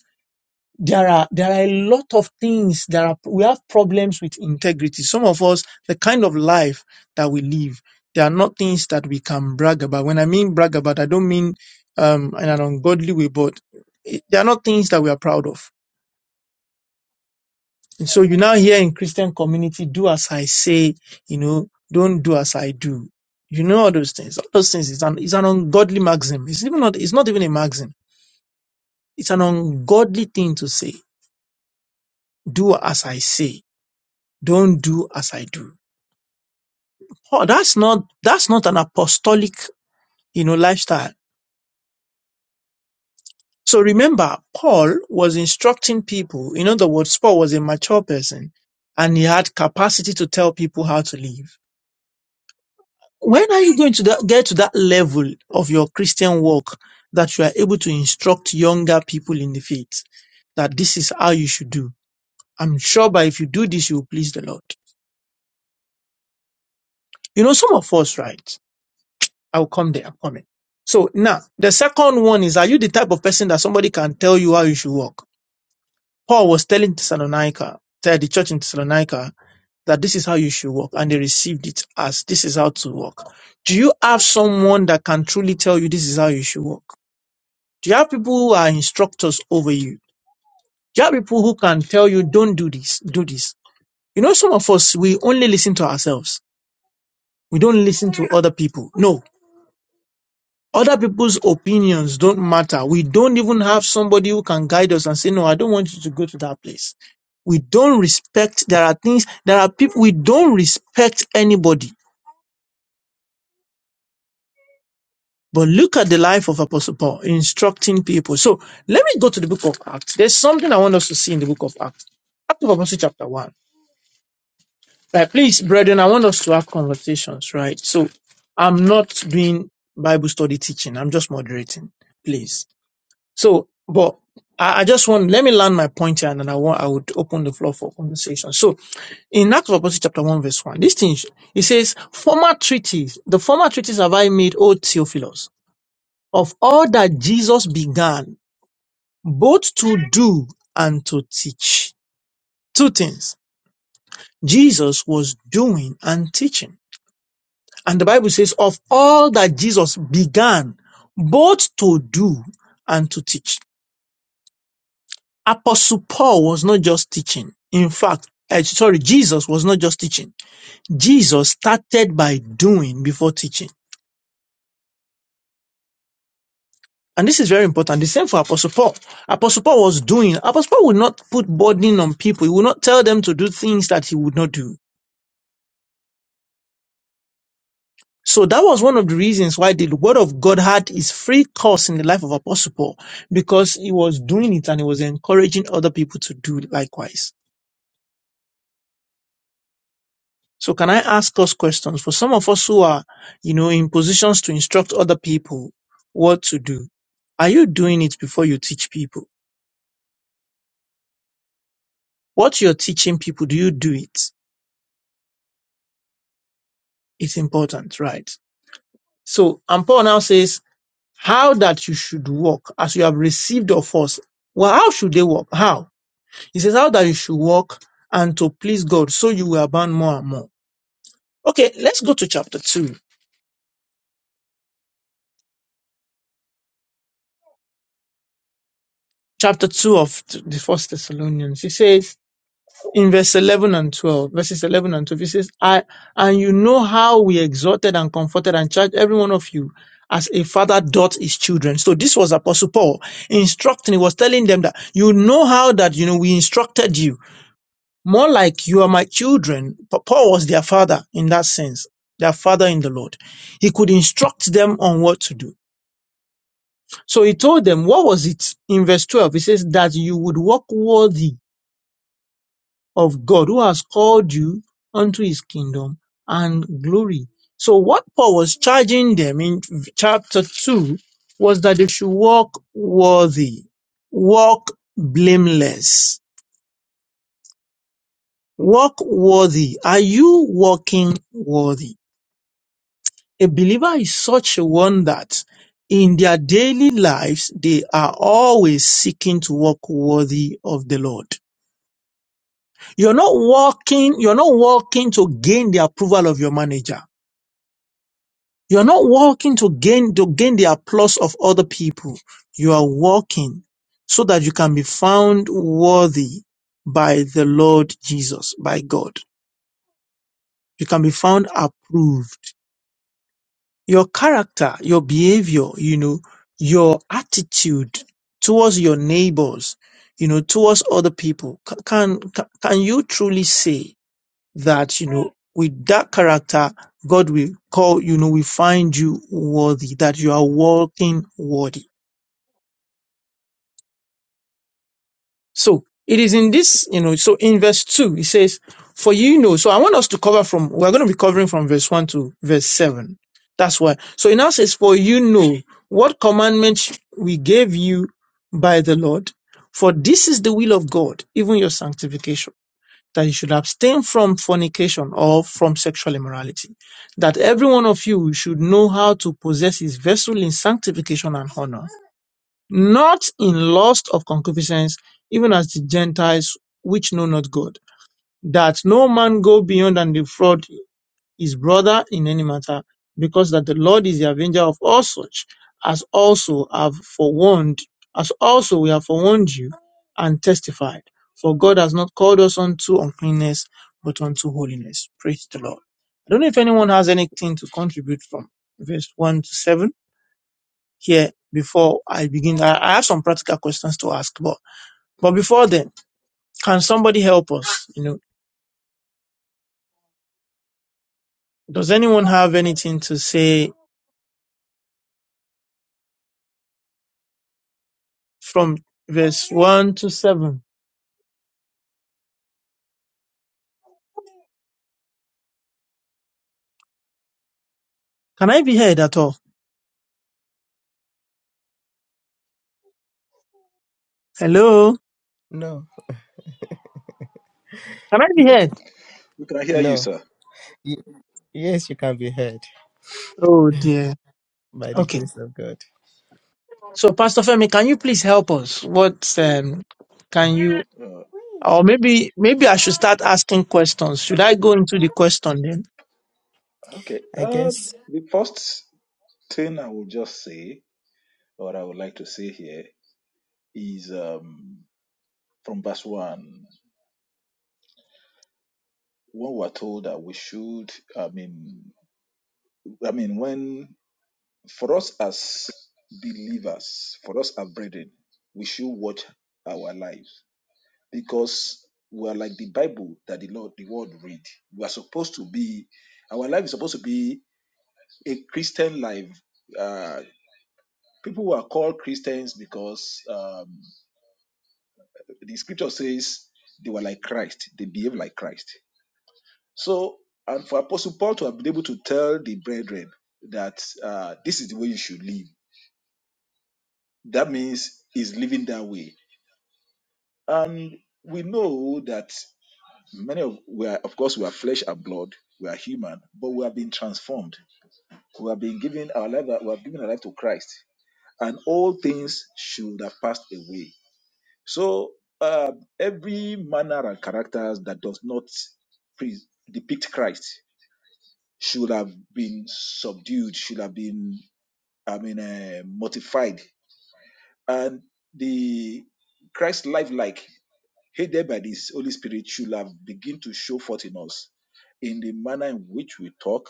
there are there are a lot of things there are we have problems with integrity some of us the kind of life that we live there are not things that we can brag about when i mean brag about i don't mean um in an ungodly way but it, there are not things that we are proud of and so you now hear in christian community do as i say you know don't do as i do you know all those things all those things is an is an ungodly maxim it's even not it's not even a maxim it's an ungodly thing to say do as i say Don't do as I do. Paul, that's not, that's not an apostolic, you know, lifestyle. So remember, Paul was instructing people. In other words, Paul was a mature person and he had capacity to tell people how to live. When are you going to that, get to that level of your Christian walk that you are able to instruct younger people in the faith that this is how you should do? I'm sure by if you do this, you will please the Lord. You know, some of us, right? I'll come there. I'm coming. So now the second one is, are you the type of person that somebody can tell you how you should walk? Paul was telling Thessalonica, tell the church in Thessalonica that this is how you should walk, and they received it as this is how to walk. Do you have someone that can truly tell you this is how you should walk? Do you have people who are instructors over you? Do you have people who can tell you don't do this, do this? You know, some of us we only listen to ourselves. We don't listen to other people. No, Other people's opinions don't matter. We don't even have somebody who can guide us and say, no, I don't want you to go to that place. We don't respect, there are things, there are people, we don't respect anybody. But look at the life of Apostle Paul instructing people. So let me go to the book of Acts. There's something I want us to see in the book of Acts. Act of Apostle chapter one. Right, please, brethren, I want us to have conversations, right? So I'm not doing Bible study teaching. I'm just moderating. Please. So, but I, I just want, let me land my point here and then I want, I would open the floor for conversation. So in Acts of Apostles chapter 1 verse 1, this thing, it says, former treaties, the former treaties have I made, O Theophilus, of all that Jesus began, both to do and to teach. Two things. Jesus was doing and teaching. And the Bible says, of all that Jesus began, both to do and to teach. Apostle Paul was not just teaching. In fact, eh, sorry, Jesus was not just teaching. Jesus started by doing before teaching. And this is very important. The same for Apostle Paul. Apostle Paul was doing. Apostle Paul would not put burden on people. He would not tell them to do things that he would not do. So that was one of the reasons why the word of God had its free course in the life of Apostle Paul because he was doing it and he was encouraging other people to do likewise. So can I ask us questions for some of us who are, you know, in positions to instruct other people what to do? Are you doing it before you teach people? What you're teaching people, do you do it? It's important, right? So, and Paul now says, how that you should walk as you have received of us. Well, how should they walk? How? He says, how that you should walk and to please God, so you will abound more and more. Okay, let's go to chapter two. Chapter two of th- the first Thessalonians. He says, in verse 11 and 12, verses 11 and 12, it says, I, and you know how we exhorted and comforted and charged every one of you as a father doth his children. So this was Apostle Paul instructing, he was telling them that you know how that, you know, we instructed you more like you are my children. Pa- Paul was their father in that sense, their father in the Lord. He could instruct them on what to do. So he told them, what was it in verse 12? He says that you would walk worthy of God who has called you unto his kingdom and glory. So what Paul was charging them in chapter 2 was that they should walk worthy, walk blameless, walk worthy. Are you walking worthy? A believer is such a one that in their daily lives, they are always seeking to walk worthy of the Lord. You're not walking, you're not walking to gain the approval of your manager. You are not working to gain to gain the applause of other people. You are working so that you can be found worthy by the Lord Jesus, by God. You can be found approved. Your character, your behavior, you know, your attitude towards your neighbors, you know, towards other people. Ca- Can, can, can you truly say that you know with that character god will call you know will find you worthy that you are walking worthy so it is in this you know so in verse 2 it says for you know so i want us to cover from we're going to be covering from verse 1 to verse 7 that's why so it now says for you know what commandment we gave you by the lord for this is the will of god even your sanctification that you should abstain from fornication or from sexual immorality. That every one of you should know how to possess his vessel in sanctification and honor, not in lust of concupiscence, even as the Gentiles which know not God. That no man go beyond and defraud his brother in any matter, because that the Lord is the avenger of all such, as also have forewarned, as also we have forewarned you and testified. For God has not called us unto uncleanness, but unto holiness. Praise the Lord. I don't know if anyone has anything to contribute from verse 1 to 7 here before I begin. I, I have some practical questions to ask, but, but before then, can somebody help us? You know, does anyone have anything to say from verse 1 to 7. Can I be heard at all? Hello? No, Can I be heard? We can hear you, no. sir. Y- yes, you can be heard Oh dear. by the Okay. grace of God. So Pastor Femi, can you please help us? What um, can you Uh, or maybe maybe I should start asking questions. Should I go into the question then? okay. I Uh, guess. the first thing I would just say, or I would like to say here, is um, from verse one. When we're told that we should, I mean, I mean, when for us as believers, for us as brethren, we should watch our lives because we are like the Bible that the Lord, the Word read. We are supposed to be, our life is supposed to be a Christian life uh, People were called Christians because um, the scripture says they were like Christ, they behaved like Christ. So, and for Apostle Paul to have been able to tell the brethren that uh, this is the way you should live, that means he's living that way. And we know that many of we are, of course, we are flesh and blood, we are human, but we have been transformed. We have been given our life, we have given our life to Christ, and all things should have passed away So uh, every manner and characters that does not pre- depict Christ should have been subdued, should have been, I mean, uh, mortified. And the Christ lifelike, headed by this Holy Spirit, should have begin to show forth in us in the manner in which we talk,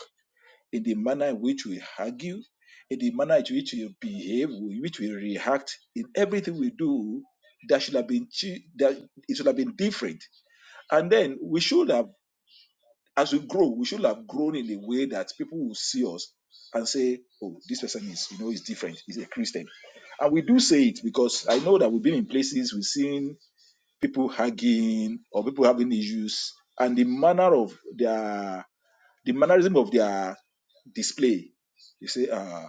in the manner in which we argue, in the manner in which we behave, in which we react, in everything we do, that should have been chi- that it should have been different and then we should have, as we grow, we should have grown in a way that people will see us and say, oh, this person is, you know, is different. He's a Christian. And we do say it because I know that we've been in places, we've seen people hugging or people having issues and the manner of their, the mannerism of their display. You say, uh,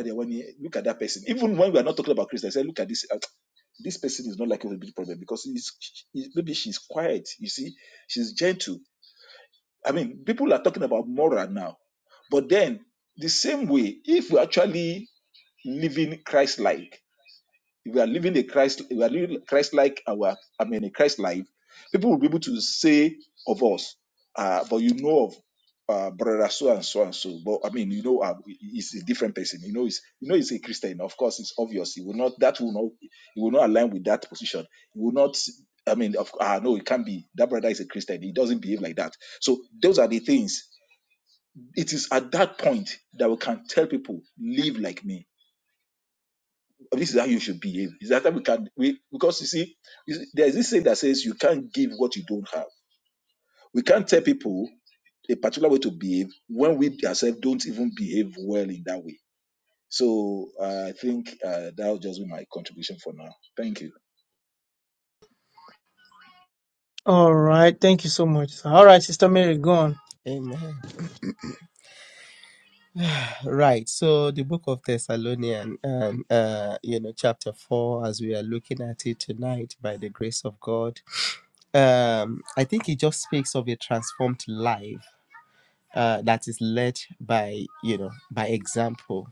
when you look at that person, even when we are not talking about Christians, I say, look at this, uh, this person is not like a be problem because he's, he, maybe she's quiet. You see, she's gentle I mean, people are talking about moral now. But then, the same way, if we're actually living Christ like, if we are living a Christ, if we are living Christ like our, I mean, a Christ life, people will be able to say of us, uh, but you know of uh, brother so and so and so. But I mean, you know, uh, he's a different person. You know, he's you know he's a Christian. Of course, it's obvious. He will not. That will not. He will not align with that position. He will not. I mean, of ah no, it can't be. That brother is a Christian. He doesn't behave like that. So those are the things. It is at that point that we can tell people, live like me this is how you should behave. Is that we can we because you see, you see, there is this saying that says you can't give what you don't have. We can't tell people a particular way to behave when we ourselves don't even behave well in that way. So uh, I think uh, that will just be my contribution for now. Thank you. All right. Thank you so much. sir. All right, Sister Mary, go on. Amen. Right. So the book of Thessalonian, um, uh, you know, chapter four, as we are looking at it tonight, by the grace of God, um, I think it just speaks of a transformed life uh, that is led by you know by example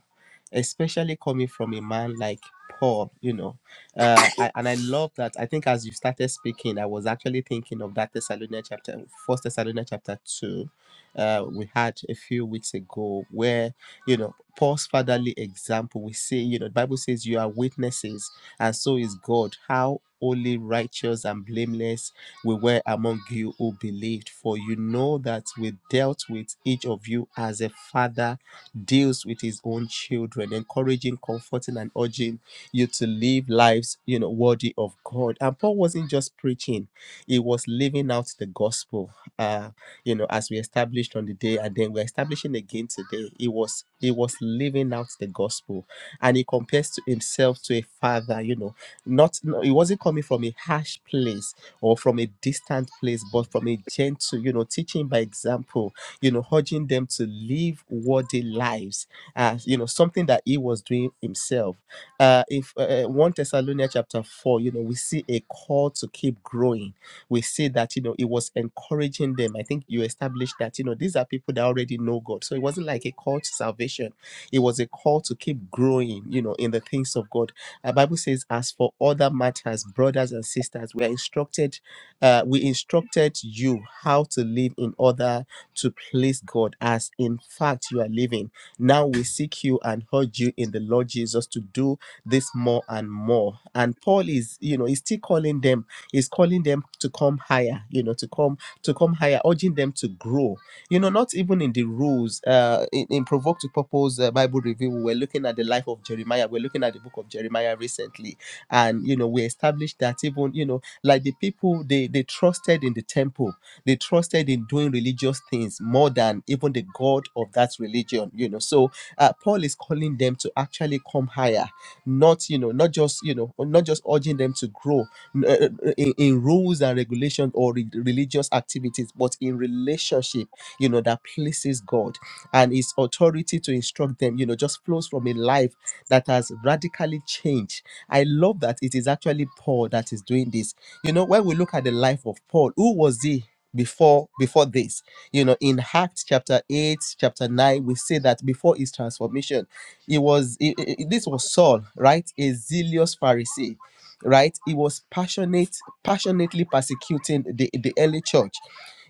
especially coming from a man like Paul, you know. Uh, I, and I love that. I think as you started speaking, I was actually thinking of that Thessalonians chapter, First Thessalonians chapter two, uh, we had a few weeks ago, where you know Paul's fatherly example. We see, you know, the Bible says, "You are witnesses, and so is God." How holy, righteous, and blameless we were among you who believed. For you know that we dealt with each of you as a father deals with his own children, encouraging, comforting, and urging you to live lives, you know, worthy of God. And Paul wasn't just preaching, he was living out the gospel. Uh, you know, as we established on the day, and then we're establishing again today. He was he was living out the gospel. And he compares to himself to a father, you know, not no, he wasn't coming from a harsh place or from a distant place, but from a gentle, you know, teaching by example you know, urging them to live worthy lives as, you know, something that he was doing himself. Uh, if uh, uh, 1 Thessalonians chapter 4, you know, we see a call to keep growing. We see that, you know, it was encouraging them. I think you established that, you know, these are people that already know God. So it wasn't like a call to salvation it was a call to keep growing, you know, in the things of God. The Bible says, as for other matters, brothers and sisters, we are instructed, uh, we instructed you how to live in order to please God, as in fact you are living. Now we seek you and urge you in the Lord Jesus to do this more and more. And Paul is, you know, he's still calling them, he's calling them to come higher, you know, to come to come higher, urging them to grow you know not even in the rules uh in, in provoke to purpose uh, bible review we were looking at the life of jeremiah we're looking at the book of jeremiah recently and you know we established that even you know like the people they they trusted in the temple they trusted in doing religious things more than even the god of that religion you know so uh, paul is calling them to actually come higher not you know not just you know not just urging them to grow uh, in, in rules and regulations or re- religious activities, but in relationship, you know, that places God and His authority to instruct them, you know, just flows from a life that has radically changed. I love that it is actually Paul that is doing this. You know, when we look at the life of Paul, who was he? before before this you know in acts chapter 8 chapter 9 we see that before his transformation he was he- he- he- this was saul right a zealous pharisee right he was passionate passionately persecuting the, the early church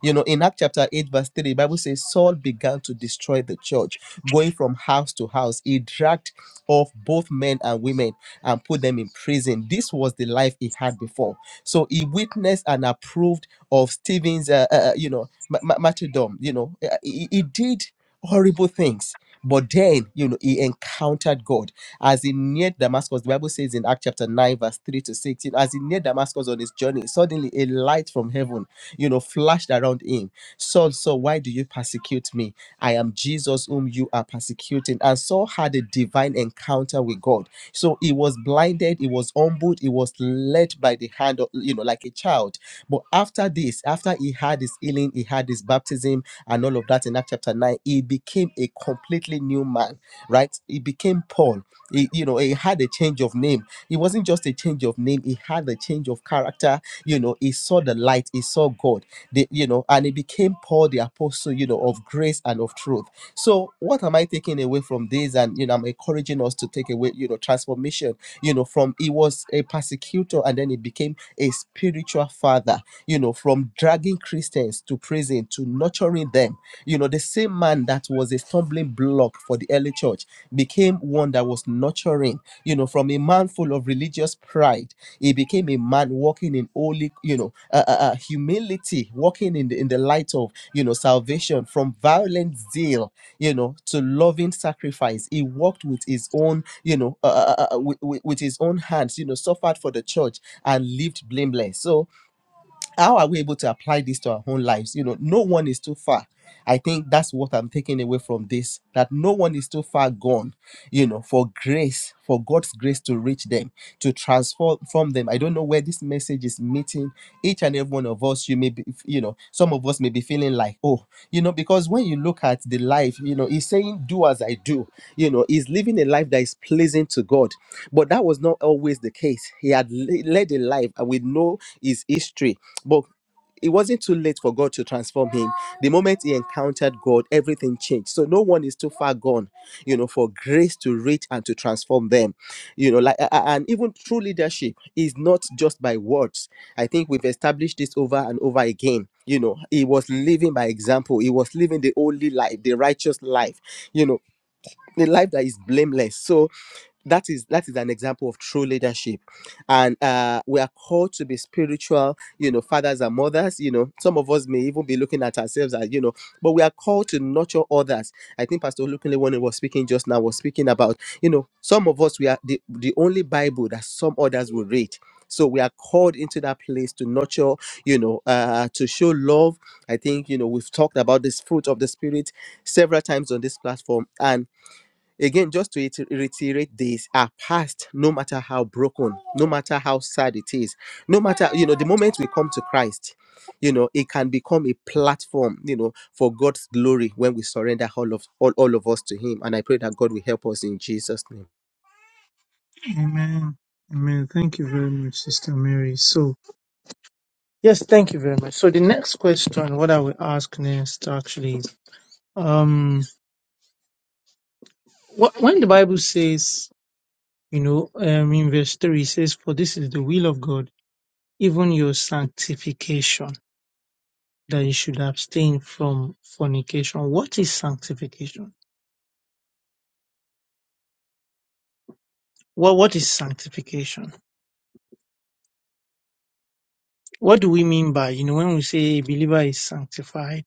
you know in act chapter 8 verse 3 the bible says saul began to destroy the church going from house to house he dragged off both men and women and put them in prison this was the life he had before so he witnessed and approved of stephen's uh, uh, uh, you know ma- ma- martyrdom you know Uh, he, he did horrible things. But then, you know, he encountered God as he neared Damascus. The Bible says in Acts chapter 9, verse 3 to 6, you know, as he neared Damascus on his journey, suddenly a light from heaven, you know, flashed around him. Saul, Saul, why do you persecute me? I am Jesus whom you are persecuting. And Saul had a divine encounter with God. So he was blinded, he was humbled, he was led by the hand of, you know, like a child. But after this, after he had his healing, he had his baptism, baptism and all of that in Act chapter 9, he became a completely new man, right? He became Paul. He, you know, he had a change of name. It wasn't just a change of name, he had a change of character. You know, he saw the light, he saw God, the, you know, and he became Paul the apostle, you know, of grace and of truth. So, what am I taking away from this? And, you know, I'm encouraging us to take away, you know, transformation, you know, from he was a persecutor and then he became a spiritual father, you know, from dragging dragging Christians to prison, to nurturing them. You know, the same man that was a stumbling block for the early church became one that was nurturing, you know, from a man full of religious pride, he became a man walking in holy, you know, uh, uh, uh, humility, walking in the, in the light of, you know, salvation from violent zeal, you know, to loving sacrifice. He walked with his own, you know, uh, uh, uh, uh, with, with with his own hands, you know, suffered for the church and lived blameless. So, how are we able to apply this to our own lives you know no one is too far i think that's what i'm taking away from this that no one is too far gone you know for grace for god's grace to reach them to transform from them i don't know where this message is meeting each and every one one of us you may be you know some of us may be feeling like oh you know because when you look at the life you know he's saying do as i do you know he's living a life that is pleasing to god but that was not always the case he had le- led a life and we know his history but it wasn't too late for God to transform him. The moment he encountered God, everything changed. So no one is too far gone, you know, for grace to reach and to transform them you know like a- a- and even true leadership is not just by words i think we've established this over and over again you know he was living by example he was living the holy life the righteous life you know the life that is blameless so that is that is an example of true leadership and uh we are called to be spiritual you know fathers and mothers you know some of us may even be looking at ourselves as you know but we are called to nurture others i think pastor Lukunle when he was speaking just now was speaking about you know some of us we are the, the only bible that some others will read so we are called into that place to nurture you know uh to show love i think you know we've talked about this fruit of the spirit several times on this platform and Again, just to iter- reiterate this, our past, no matter how broken, no matter how sad it is, no matter, you know, the moment we come to Christ, you know, it can become a platform, you know, for God's glory when we surrender all of all, all of us to Him. And I pray that God will help us in Jesus' name. Amen. Amen. Thank you very much, Sister Mary. So, yes, thank you very much. So, the next question, what I will ask next actually Um, wh- when the Bible says, you know, um, in verse 3, it says, For this is the will of God, even your sanctification, that you should abstain from fornication. What is sanctification? What, what is sanctification? What do we mean by, you know, when we say a believer is sanctified,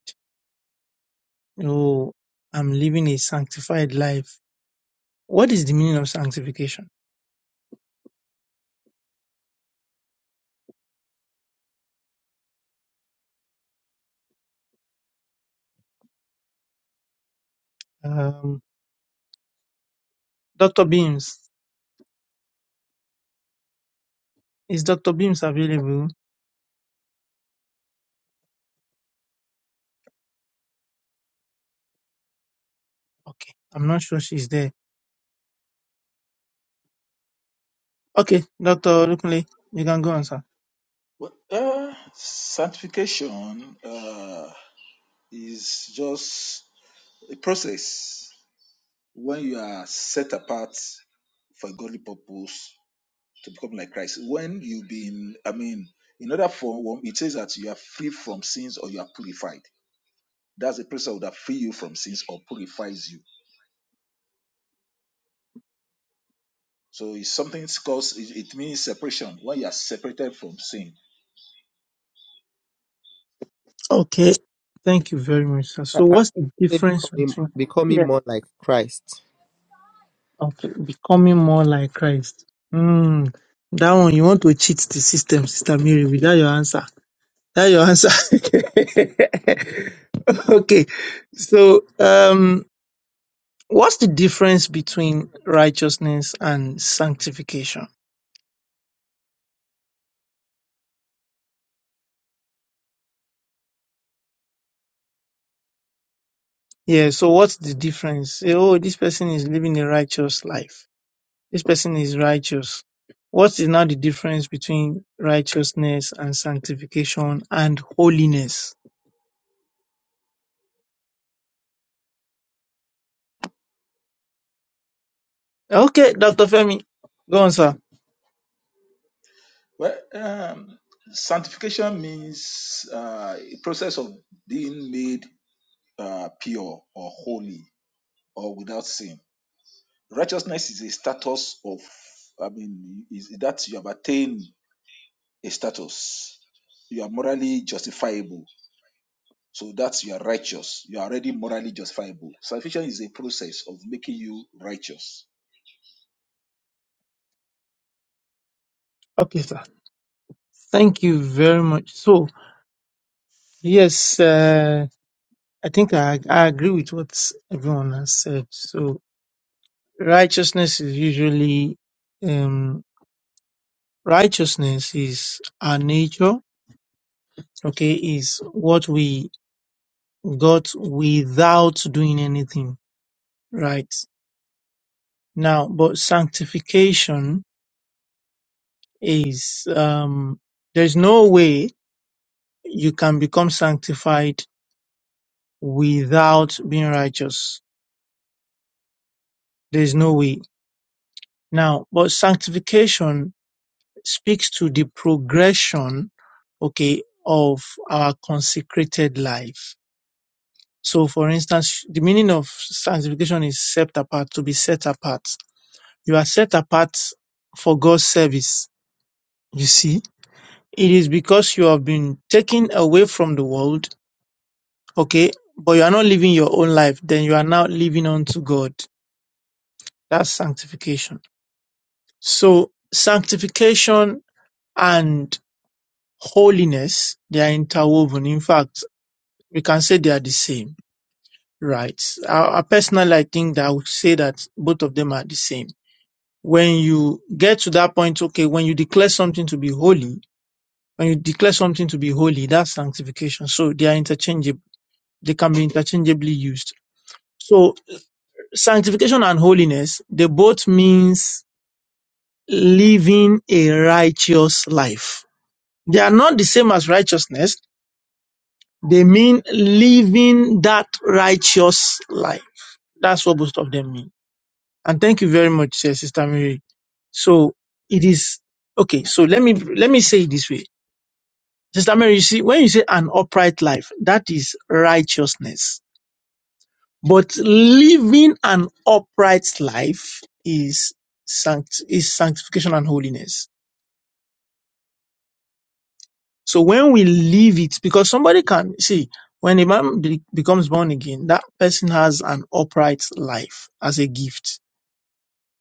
You know, I'm living a sanctified life. What is the meaning of sanctification? Um, Dr. Beams, is Dr. Beams available? Okay. I'm not sure she's there. Okay, Dr. Lukunle, you can go on, sir. Well, uh, sanctification uh, is just a process when you are set apart for a godly purpose to become like Christ. When you've been, I mean, in other form, it says that you are free from sins or you are purified. That's the principle that free you from sins or purifies you. So it's something it's called, it it means separation, when you are separated from sin. Okay. Thank you very much, sir. Uh, So uh, what's the say difference becoming, between becoming yeah. more like Christ. okay, becoming more like Christ? Hmm. That one you want to cheat the system, Sister Mary, with that your answer. That your answer. [laughs] okay. So um what's the difference between righteousness and sanctification? Yeah, so what's the difference? Say, oh, this person is living a righteous life This person is righteous. What is now the difference between righteousness and sanctification and holiness? Okay, Dr. Femi, go on, sir. Well, um, sanctification means uh, a process of being made uh, pure or holy or without sin. Righteousness is a status of, I mean, is that you have attained a status. You are morally justifiable. So that's you are righteous. You are already morally justifiable. Salvation is a process of making you righteous. Okay, sir. Thank you very much. So, yes, uh, I think I, I agree with what everyone has said. So, righteousness is usually, um, righteousness is our nature. Okay, is what we got without doing anything, right? Now, but sanctification is, um, there's no way you can become sanctified without being righteous. There's no way. Now, but sanctification speaks to the progression, okay, of our consecrated life. So, for instance, the meaning of sanctification is set apart, to be set apart. You are set apart for God's service. You see? It is because you have been taken away from the world, okay, but you are not living your own life, then you are now living unto God. That's sanctification. So sanctification and holiness, they are interwoven. In fact, we can say they are the same, right? I, I personally, I think that I would say that both of them are the same. When you get to that point, okay, when you declare something to be holy, when you declare something to be holy, that's sanctification. So they are interchangeable. They can be interchangeably used. So sanctification and holiness, they both means living a righteous life. They are not the same as righteousness. They mean living that righteous life. That's what both of them mean. And thank you very much, eh, Sister Mary. So it is okay. So let me let me say it this way, Sister Mary. You see, when you say an upright life, that is righteousness But living an upright life is sanct- is sanctification and holiness. So when we live it, because somebody can see when a man be- becomes born again, that person has an upright life as a gift.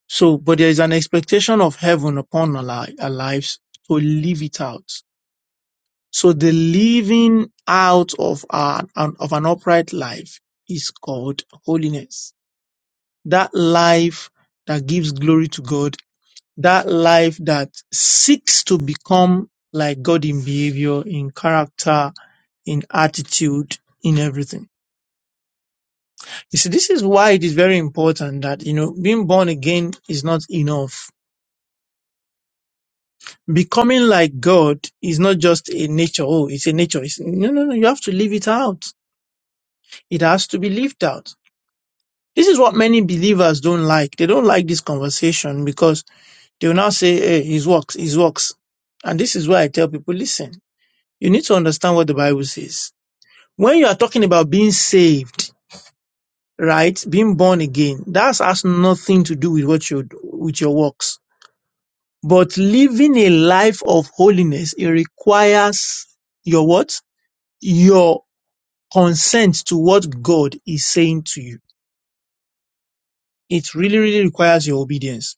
So, but there is an expectation of heaven upon our, li- our lives to live it out. So the living out of our an- of an upright life is called holiness. That life that gives glory to God that life that seeks to become like God in behavior, in character, in attitude, in everything. You see, this is why it is very important that, you know, being born again is not enough. Becoming like God is not just a nature. Oh, it's a nature. It's, no, no, no. You have to live it out. It has to be lived out. This is what many believers don't like. They don't like this conversation because they will now say, hey, his works, his works. And this is why I tell people, listen You need to understand what the Bible says. When you are talking about being saved, right? Being born again, that has nothing to do with what you with your works. But living a life of holiness, it requires your what? Your consent to what God is saying to you. It really, really requires your obedience.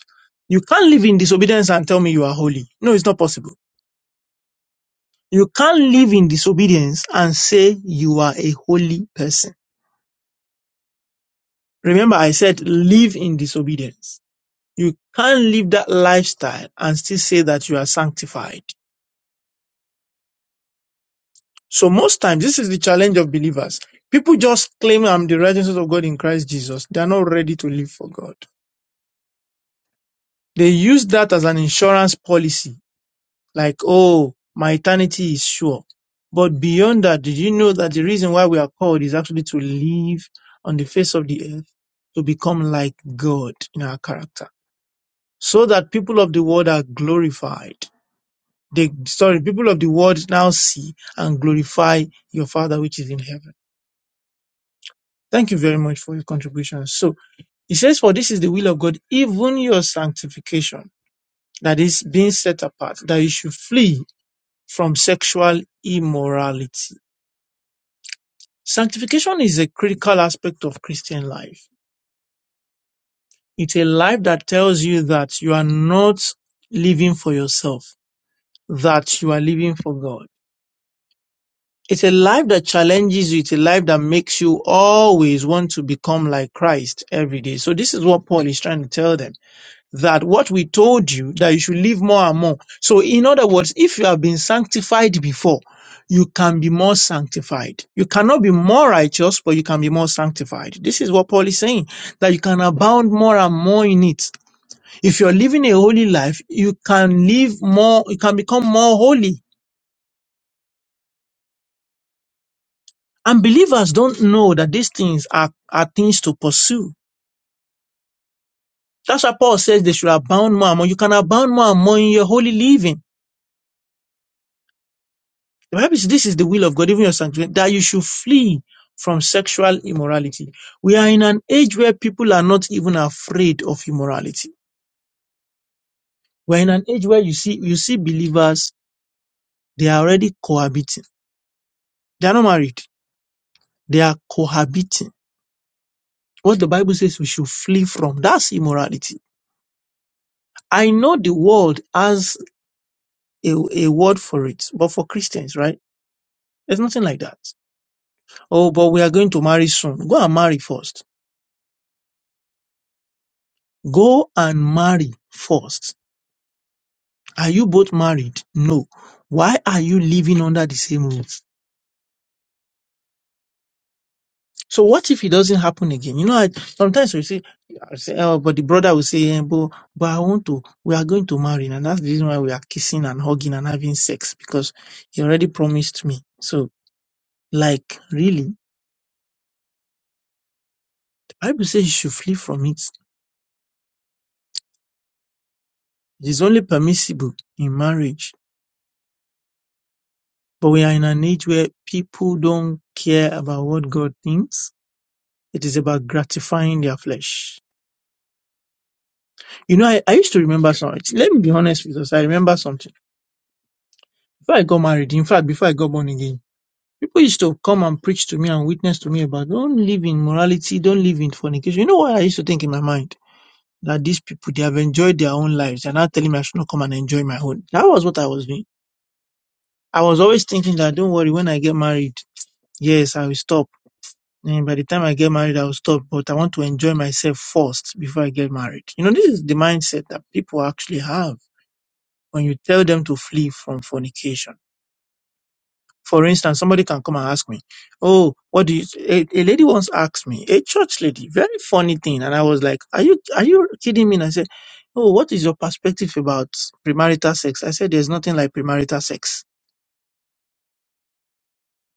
You can't live in disobedience and tell me you are holy. No, it's not possible. You can't live in disobedience and say you are a holy person Remember, I said live in disobedience. You can't live that lifestyle and still say that you are sanctified. So most times, this is the challenge of believers. People just claim I'm the righteousness of God in Christ Jesus. They are not ready to live for God. They use that as an insurance policy. Like, oh, my eternity is sure. But beyond that, did you know that the reason why we are called is actually to live on the face of the earth to become like God in our character? so that people of the world are glorified. They, sorry, people of the world now see and glorify your Father which is in heaven. Thank you very much for your contribution. So it says, for this is the will of God, even your sanctification, that is being set apart, that you should flee from sexual immorality. Sanctification is a critical aspect of Christian life. It's a life that tells you that you are not living for yourself, that you are living for God It's a life that challenges you. It's a life that makes you always want to become like Christ every day. So this is what Paul is trying to tell them that what we told you that you should live more and more. So in other words, if you have been sanctified before, you can be more sanctified. You cannot be more righteous, but you can be more sanctified. This is what Paul is saying that you can abound more and more in it. If you're living a holy life, you can live more, you can become more holy And believers don't know that these things are, are things to pursue. That's why Paul says they should abound more and more. You can abound more and more in your holy living. The Bible says this is the will of God, even your sanctuary, that you should flee from sexual immorality. We are in an age where people are not even afraid of immorality. We're in an age where you see, you see believers, they are already cohabiting. They are not married. They are cohabiting. What the Bible says we should flee from, that's immorality. I know the world has a, a word for it. But for Christians, right? There's nothing like that. Oh, but we are going to marry soon. Go and marry first. Go and marry first. Are you both married? No. Why are you living under the same roof? So what if it doesn't happen again? You know, I, sometimes we say, I say, oh, but the brother will say, eh, but, but I want to, we are going to marry. And that's the reason why we are kissing and hugging and having sex because he already promised me. So like, really, the Bible says you should flee from it It is only permissible in marriage. But we are in an age where people don't care about what God thinks. It is about gratifying their flesh. You know, I, I used to remember something. Let me be honest with us. I remember something. Before I got married, in fact, before I got born again, people used to come and preach to me and witness to me about don't live in morality, don't live in fornication. You know what I used to think in my mind? That these people, they have enjoyed their own lives. They're not telling me I should not come and enjoy my own. That was what I was doing. I was always thinking that, don't worry, when I get married, yes, I will stop. Then by the time I get married, I'll stop, but I want to enjoy myself first before I get married. You know, this is the mindset that people actually have when you tell them to flee from fornication. For instance, somebody can come and ask me, Oh, what do you, a, a lady once asked me, a church lady, very funny thing. And I was like, are you, are you kidding me? And I said, Oh, what is your perspective about premarital sex? I said, there's nothing like premarital sex.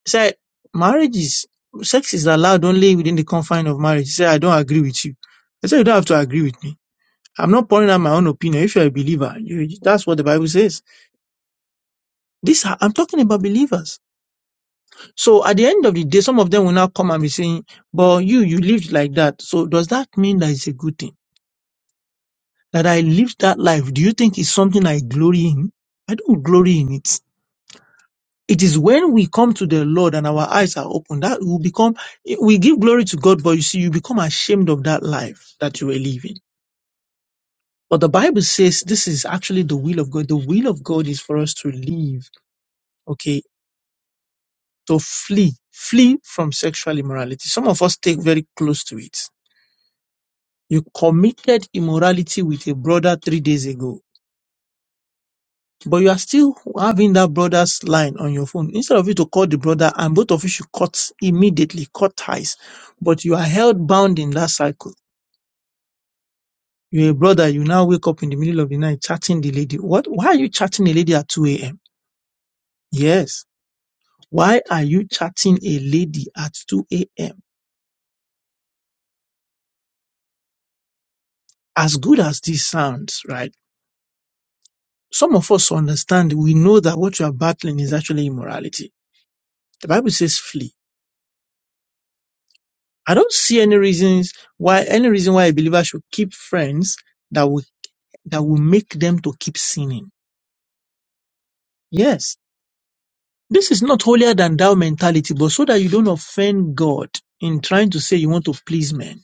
He said, marriage is, sex is allowed only within the confine of marriage. He said, I don't agree with you. I said, you don't have to agree with me. I'm not pouring out my own opinion. If you're a believer, you, that's what the Bible says. This, I'm talking about believers. So at the end of the day, some of them will now come and be saying, but you, you lived like that. So does that mean that it's a good thing? That I lived that life? Do you think it's something I glory in? I don't glory in it. It is when we come to the Lord and our eyes are open that we become, we give glory to God, but you see, you become ashamed of that life that you were living. But the Bible says this is actually the will of God. The will of God is for us to live, okay, to flee, flee from sexual immorality. Some of us take very close to it. You committed immorality with a brother three days ago. but you are still having that brother's line on your phone. Instead of you to call the brother and both of you should cut immediately, cut ties, but you are held bound in that cycle. You're a brother, you now wake up in the middle of the night chatting the lady. What? Why are you chatting a lady at 2 a.m.? Yes. Why are you chatting a lady at 2 a.m.? As good as this sounds, right? Some of us understand, we know that what you are battling is actually immorality. The Bible says flee I don't see any reasons why any reason why a believer should keep friends that will that will make them to keep sinning. Yes. This is not holier than thou mentality, but so that you don't offend God in trying to say you want to please men.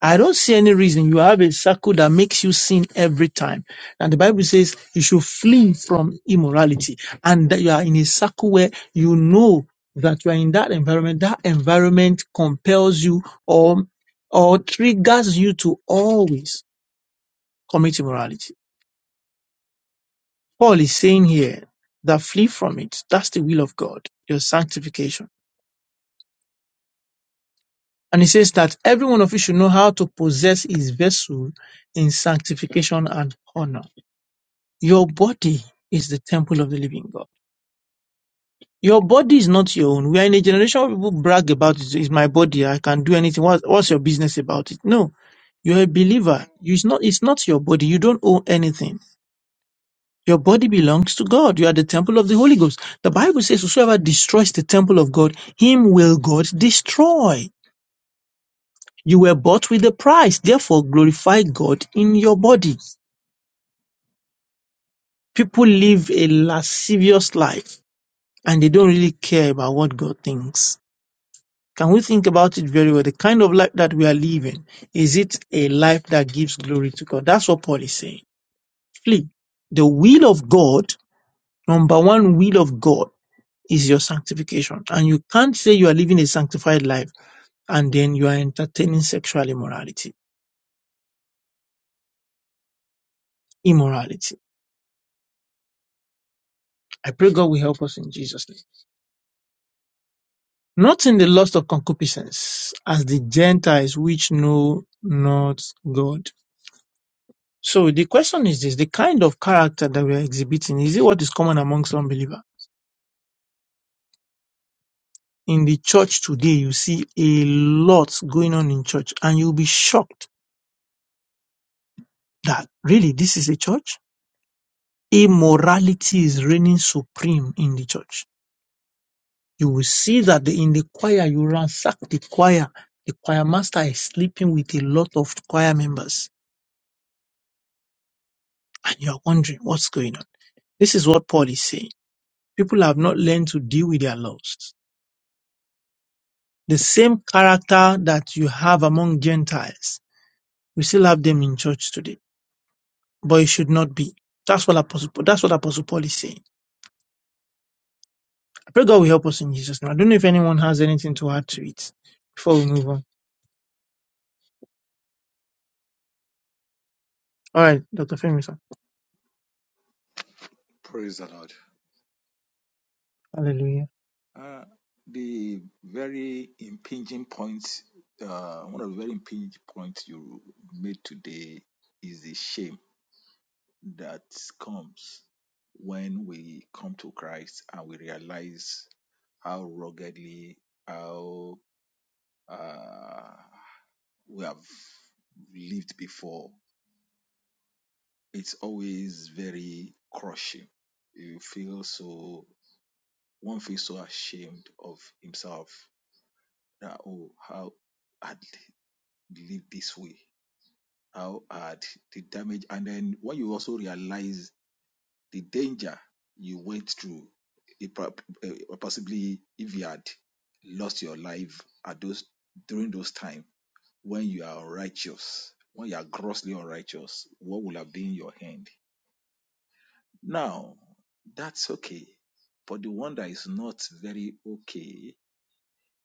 I don't see any reason you have a circle that makes you sin every time. And the Bible says you should flee from immorality and that you are in a circle where you know that you are in that environment. That environment compels you or, or triggers you to always commit immorality. Paul is saying here that flee from it. That's the will of God, your sanctification. And he says that every one of you should know how to possess his vessel in sanctification and honor. Your body is the temple of the living God. Your body is not your own. We are in a generation where people brag about it. It's my body. I can do anything. What, what's your business about it? No, you're a believer. You, it's not. It's not your body. You don't own anything. Your body belongs to God. You are the temple of the Holy Ghost. The Bible says, "Whosoever destroys the temple of God, him will God destroy." You were bought with a price. Therefore, glorify God in your body. People live a lascivious life and they don't really care about what God thinks. Can we think about it very well? The kind of life that we are living, is it a life that gives glory to God? That's what Paul is saying. Flee. The will of God, number one will of God, is your sanctification. And you can't say you are living a sanctified life and then you are entertaining sexual immorality. Immorality. I pray God will help us in Jesus' name. Not in the lust of concupiscence, as the Gentiles which know not God So the question is this, the kind of character that we are exhibiting, is it what is common amongst unbeliever? In the church today, you see a lot going on in church and you'll be shocked that really this is a church? Immorality is reigning supreme in the church. You will see that the- in the choir, you ransack the choir. The choir master is sleeping with a lot of choir members and you're wondering what's going on. This is what Paul is saying. People have not learned to deal with their loves. The same character that you have among Gentiles, we still have them in church today, but it should not be. That's what Apostle Paul, that's what Apostle Paul is saying. I pray God will help us in Jesus' name. I don't know if anyone has anything to add to it before we move on. All right, Dr. Femison. Praise the Lord. Hallelujah. Uh, the very impinging point, uh, one of the very impinging points you made today is the shame that comes when we come to Christ and we realize how ruggedly, how uh, we have lived before, it's always very crushing. You feel so, one feels so ashamed of himself that, oh, how I'd lived this way, how had the damage. And then when you also realize the danger you went through, it, prob- eh, possibly if you had lost your life at those during those time when you are righteous, when you are grossly unrighteous, what will have been your hand? Now, that's okay. But the one that is not very okay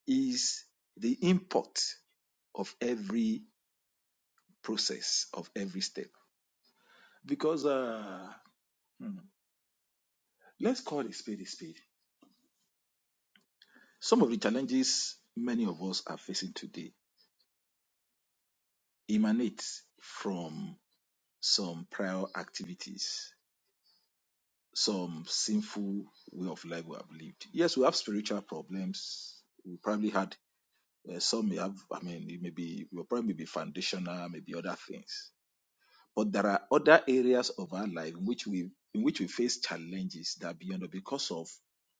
is the import of every process, of every step. Because uh, hmm, let's call it spade a spade. Some of the challenges many of us are facing today emanate from some prior activities some sinful way of life we have lived. Yes, we have spiritual problems. We probably had uh, some may have. I mean, it may be will probably may be foundational, maybe other things. But there are other areas of our life in which we in which we face challenges that are beyond because of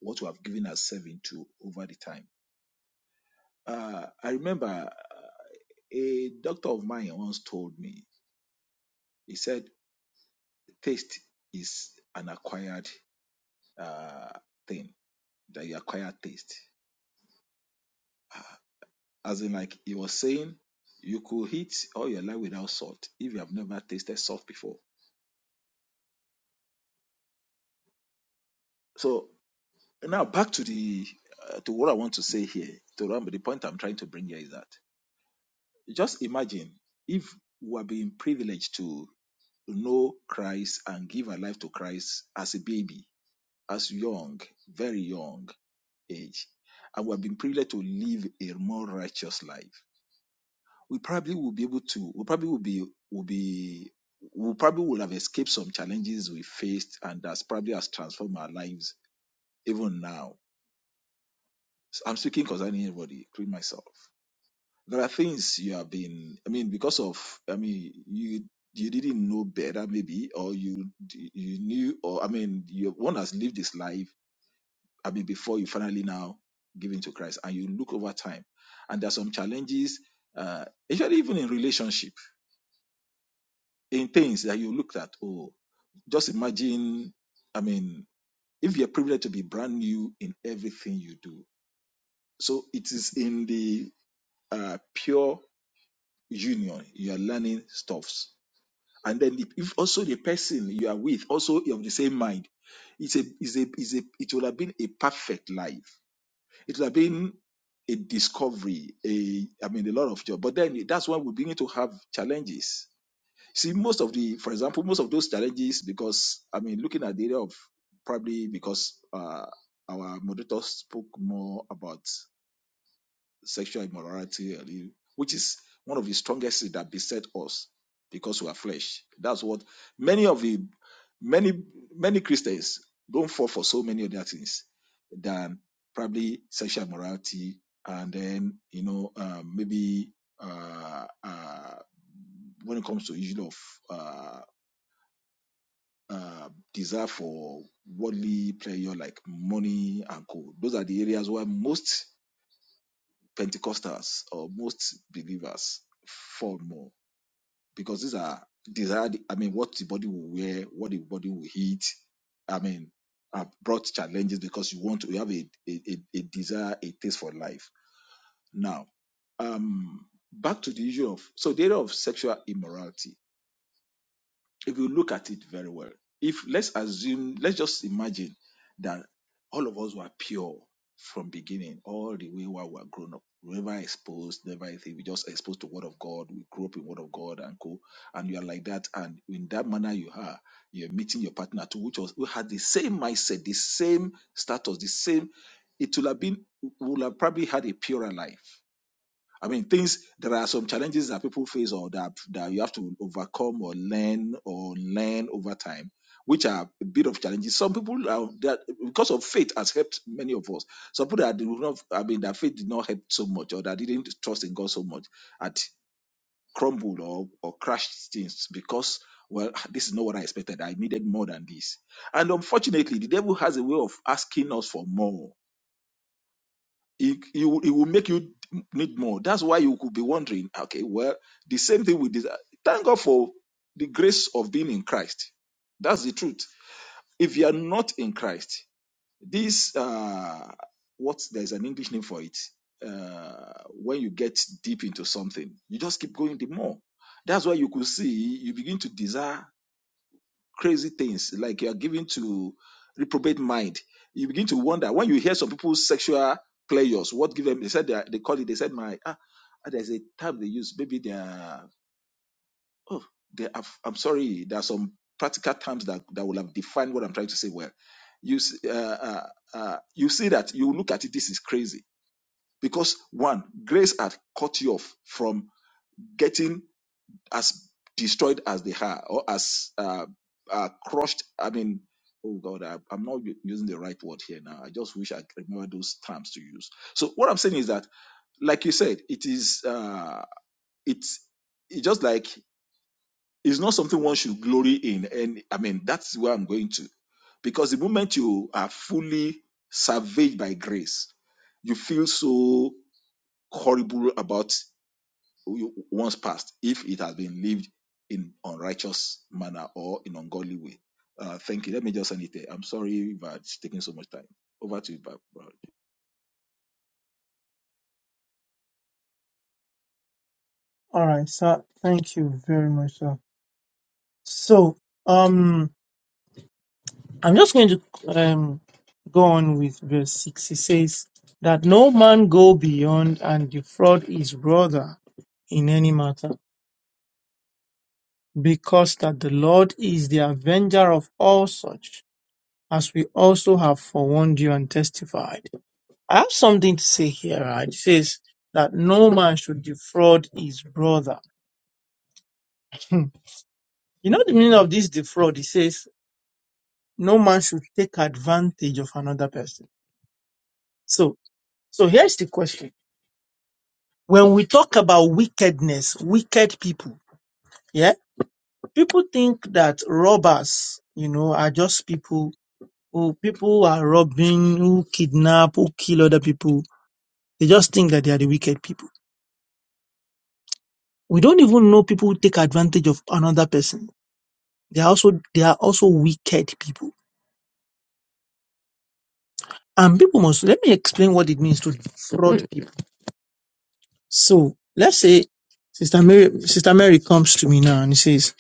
what we have given ourselves into over the time. Uh, I remember uh, a doctor of mine once told me. He said, "Taste is an acquired uh, thing that you acquire taste." Ah, As in, like he was saying, you could eat all your life without salt if you have never tasted salt before. So now back to the uh, to what I want to say here. To remember the point I'm trying to bring here is that just imagine if we are being privileged to know Christ and give our life to Christ as a baby, as young, very young age, and we have been privileged to live a more righteous life we probably will be able to we probably will be will be we probably will have escaped some challenges we faced and that's probably has transformed our lives even now. So I'm speaking concerning everybody, including myself. There are things you have been I mean, because of I mean you you didn't know better maybe or you you knew or I mean you one has lived this life I mean before you finally now give in to Christ and you look over time and there are some challenges uh, especially even in relationship in things that you looked at. Oh, just imagine. I mean, if you're privileged to be brand new in everything you do, so it is in the uh, pure union you are learning stuffs, and then if if also the person you are with also of the same mind, it's a it's a it's a it would have been a perfect life. It would have been a discovery. A I mean, a lot of job. But then that's why we begin to have challenges See, most of the, for example, most of those challenges, because I mean, looking at the area of probably because uh, our moderator spoke more about sexual immorality, earlier, which is one of the strongest things that beset us because we are flesh. That's what many of the many many Christians don't fall for so many other things than probably sexual immorality, and then you know uh, maybe uh, uh, when it comes to issue of uh, uh, desire for worldly pleasure like money and gold. Those are the areas where most Pentecostals or most believers fall more because these are desired. I mean, what the body will wear, what the body will eat. I mean, are brought challenges because you want to you have a, a, a a desire, a taste for life. Now, um, back to the issue of so the area of sexual immorality if you look at it very well, if let's assume, let's just imagine that all of us were pure from beginning, all the way while we were grown up. We never exposed, never anything. We just exposed to word of God. We grew up in word of God and co. And you are like that. And in that manner you are, you're meeting your partner too, which was who had the same mindset, the same status, the same. It would have been would have probably had a purer life I mean, things, there are some challenges that people face or that, that you have to overcome or learn or learn over time, which are a bit of challenges. Some people are, that because of faith has helped many of us. Some people that did not, I mean, that faith did not help so much or that didn't trust in God so much had crumbled or, or crashed things because, well, this is not what I expected. I needed more than this. And unfortunately, the devil has a way of asking us for more it, it, will- it will make you need more. That's why you could be wondering, okay, well, the same thing with this. Thank God for the grace of being in Christ. That's the truth. If you are not in Christ, this, uh, what, there's an English name for it. Uh, when you get deep into something, you just keep going the more. That's why you could see, you begin to desire crazy things like you are given to reprobate mind you begin to wonder when you hear some people's sexual pleasures what give them they said they, are, they call it they said my ah ah, there's a term they use maybe they are oh they have, i'm sorry there are some practical terms that that will have defined what i'm trying to say well you s- uh, uh, uh, you see that you look at it this is crazy because one grace had cut you off from getting as destroyed as they are or as uh, uh, crushed. I mean, oh God, I, I'm not u- using the right word here now. I just wish I could remember those terms to use. So what I'm saying is that, like you said, it is uh, it's it's just like it's not something one should glory in, and I mean that's where I'm going to, because the moment you are fully savaged by grace, you feel so horrible about you- once past if it has been lived in unrighteous manner or in ungodly way. Uh, thank you. Let me just end it there. I'm sorry if it's taking so much time. Over to you, Bab- All right, sir. Thank you very much, sir. So, um, I'm just going to um go on with verse six. He says that no man go beyond and defraud his brother in any matter because that the Lord is the avenger of all such, as we also have forewarned you and testified. I have something to say here. Right? It says that no man should defraud his brother. Hmm. you know the meaning of this defraud? It says no man should take advantage of another person. So, so here's the question. When we talk about wickedness, wicked people, yeah, people think that robbers, you know, are just people who people who are robbing, who kidnap, who kill other people, they just think that they are the wicked people. We don't even know people who take advantage of another person. They are also they are also wicked people. And people must let me explain what it means to defraud people. So let's say Sister Mary Sister Mary comes to me now and says,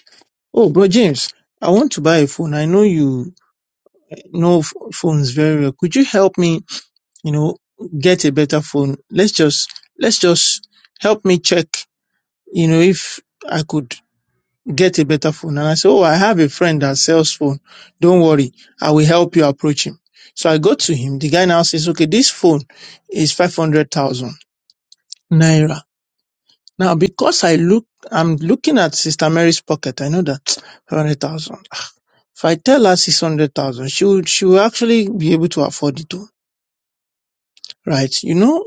Oh bro James, I want to buy a phone. I know you know f- phones very well. Could you help me, you know, get a better phone? Let's just let's just help me check you know, if I could get a better phone. And I said, Oh, I have a friend that sells phone. Don't worry. I will help you approach him. So I go to him. The guy now says, okay, this phone is 500,000 naira. Now, because I look, I'm looking at Sister Mary's pocket. I know that [tsk] 500,000. ah, If I tell her 600,000, she would, she will actually be able to afford it. too, Right. You know,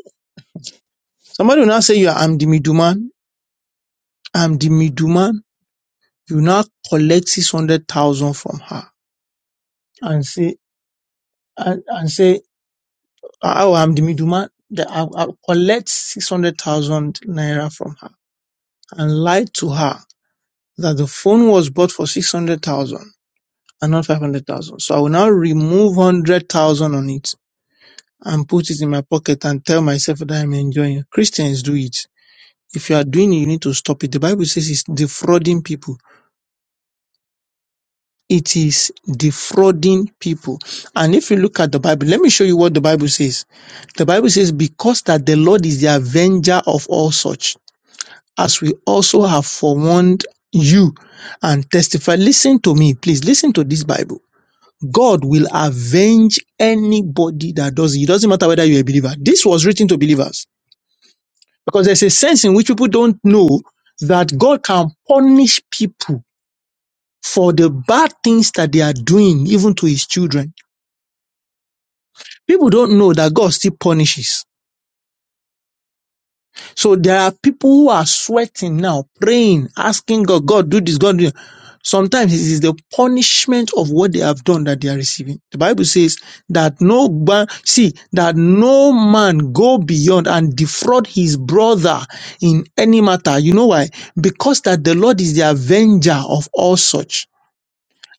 somebody will now say, yeah, I'm the middleman. I'm the middleman. You now collect 600,000 from her and say and, and say oh I'm the middleman that I, I collect six hundred thousand naira from her and lied to her that the phone was bought for six hundred thousand and not five hundred thousand. So I will now remove hundred thousand on it and put it in my pocket and tell myself that I'm enjoying. Christians do it. If you are doing it, you need to stop it. The Bible says it's defrauding people. it is defrauding people. And if you look at the Bible, let me show you what the Bible says. The Bible says, Because that the Lord is the avenger of all such, as we also have forewarned you and testify. Listen to me, please. Listen to this Bible. God will avenge anybody that does it. It doesn't matter whether you're a believer. This was written to believers because there's a sense in which people don't know that God can punish people for the bad things that they are doing, even to his children. People don't know that God still punishes. So there are people who are sweating now, praying, asking God, God, do this, God, do that. Sometimes it is the punishment of what they have done that they are receiving. The Bible says that no, ba- see, that no man go beyond and defraud his brother in any matter. You know why? Because that the Lord is the avenger of all such.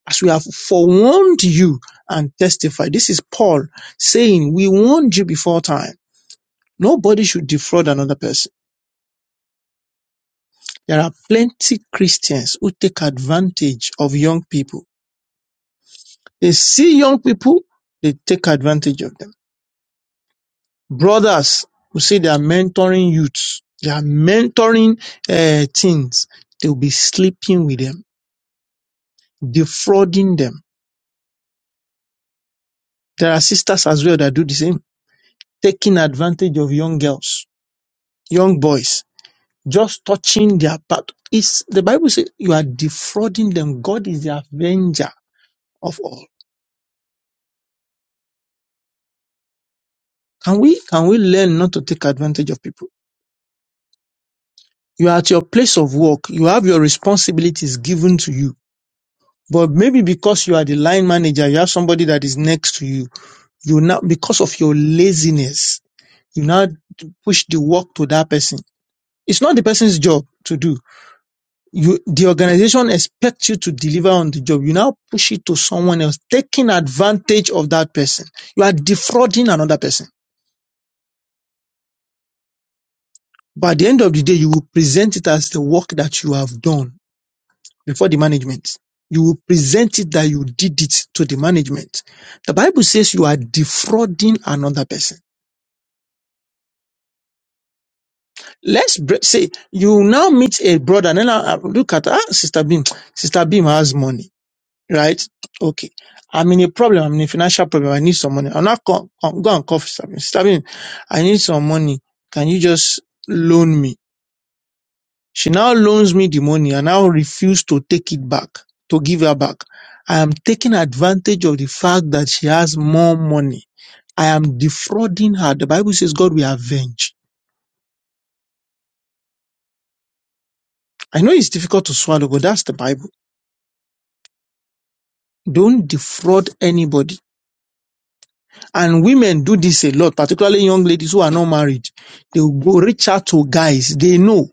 As we have forewarned you and testified. This is Paul saying, we warned you before time Nobody should defraud another person. There are plenty Christians who take advantage of young people. They see young people, they take advantage of them. Brothers who say they are mentoring youths, they are mentoring uh, teens, they'll be sleeping with them, defrauding them. There are sisters as well that do the same, taking advantage of young girls, young boys, just touching their part. It's, the Bible says you are defrauding them. God is the avenger of all. Can we can we learn not to take advantage of people? You are at your place of work, you have your responsibilities given to you. But maybe because you are the line manager, you have somebody that is next to you, you now because of your laziness, you now push the work to that person. It's not the person's job to do. You the organization expects you to deliver on the job. You now push it to someone else, taking advantage of that person. You are defrauding another person. By the end of the day, you will present it as the work that you have done before the management. You will present it that you did it to the management. The Bible says you are defrauding another person. Let's br- say you now meet a brother, and then I- I look at ah, Sister Beam. Sister Beam has money, right? Okay. I'm in a problem. I'm in a financial problem. I need some money. I'm not go go and call Sister Beam. Sister Beam, I need some money. Can you just loan me? She now loans me the money and now refuse to take it back, to give her back. I am taking advantage of the fact that she has more money. I am defrauding her. The Bible says God will avenge. I know it's difficult to swallow, but that's the Bible. Don't defraud anybody. And women do this a lot, particularly young ladies who are not married. They will go reach out to guys. They know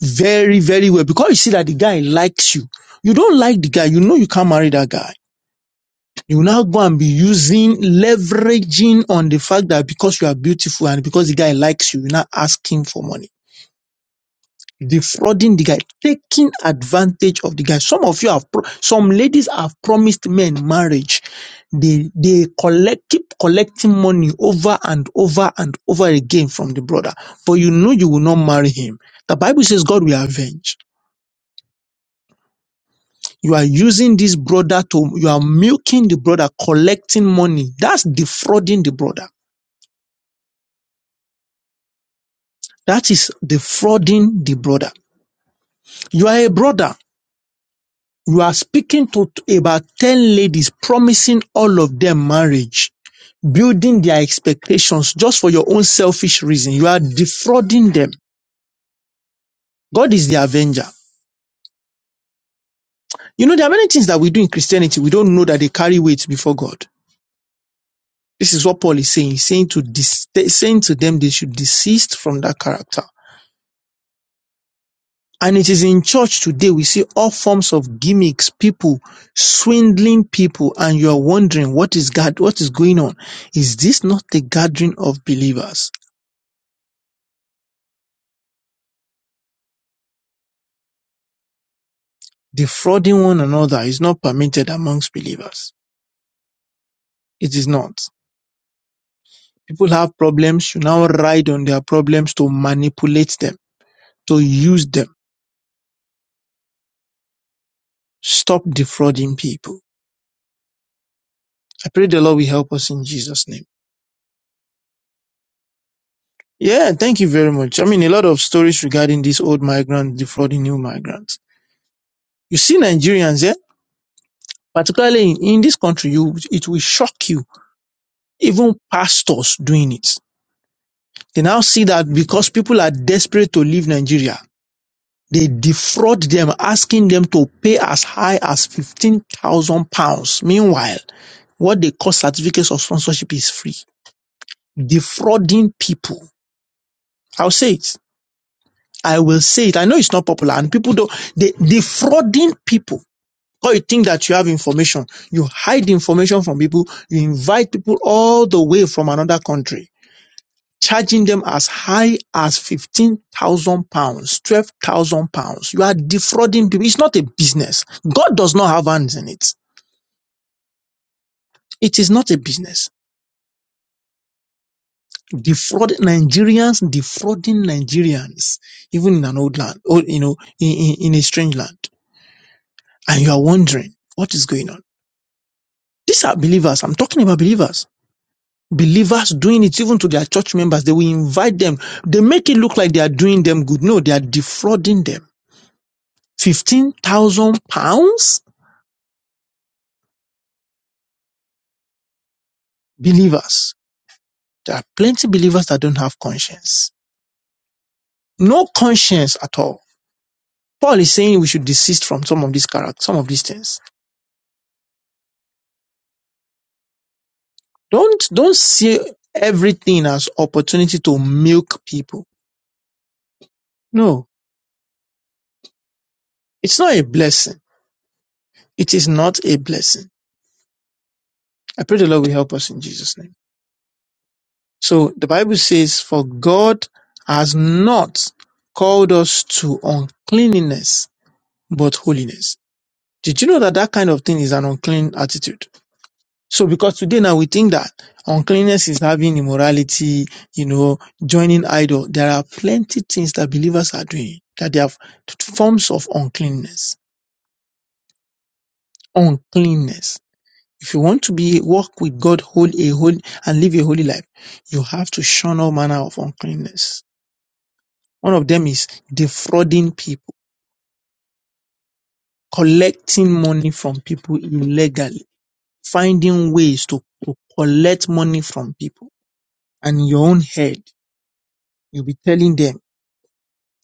very, very well because you see that the guy likes you. You don't like the guy. You know you can't marry that guy. you now go and be using, leveraging on the fact that because you are beautiful and because the guy likes you, you now ask him for money. Defrauding the guy, taking advantage of the guy. Some of you have, pro- some ladies have promised men marriage. They, they collect, keep collecting money over and over and over again from the brother. But you know you will not marry him. The Bible says God will avenge. You are using this brother to, you are milking the brother, collecting money. That's defrauding the brother That is defrauding the brother. You are a brother. You are speaking to t- about 10 ladies, promising all of them marriage, building their expectations just for your own selfish reason. You are defrauding them. God is the avenger. You know, there are many things that we do in Christianity. We don't know that they carry weight before God. This is what Paul is saying. He's saying to, dis- saying to them, they should desist from that character. And it is in church today we see all forms of gimmicks, people swindling people, and you are wondering what is God, what is going on? Is this not the gathering of believers? Defrauding one another is not permitted amongst believers. It is not. People have problems, you now ride on their problems to manipulate them, to use them. Stop defrauding people. I pray the Lord will help us in Jesus' name. Yeah, thank you very much. I mean, a lot of stories regarding these old migrants defrauding new migrants. You see Nigerians, eh? Particularly in, in this country, you, it will shock you. Even pastors doing it. They now see that because people are desperate to leave Nigeria, they defraud them, asking them to pay as high as 15,000 pounds. Meanwhile, what they call certificates of sponsorship is free. Defrauding people. I'll say it. I will say it. I know it's not popular and people don't, they defrauding people or you think that you have information. You hide information from people. You invite people all the way from another country, charging them as high as 15,000 pounds, 12,000 pounds. You are defrauding people. It's not a business. God does not have hands in it. It is not a business. Defraud Nigerians, defrauding Nigerians, even in an old land, or, you know, in, in in a strange land. And you are wondering what is going on. These are believers. I'm talking about believers believers doing it even to their church members. They will invite them. They make it look like they are doing them good. No, they are defrauding them. 15,000 pounds? Believers. There are plenty of believers that don't have conscience. No conscience at all. Paul is saying we should desist from some of these character, some of these things. Don't, don't see everything as opportunity to milk people. No, it's not a blessing. It is not a blessing. I pray the Lord will help us in Jesus' name. So the Bible says, For God has not called us to uncleanliness, but holiness. Did you know that that kind of thing is an unclean attitude? So because today now we think that uncleanness is having immorality, you know, joining idol. There are plenty things that believers are doing that they have forms of uncleanness. Uncleanness. If you want to be walk with God, hold a holy and live a holy life, you have to shun all manner of uncleanness. One of them is defrauding people, collecting money from people illegally, finding ways to, to collect money from people. And in your own head, you'll be telling them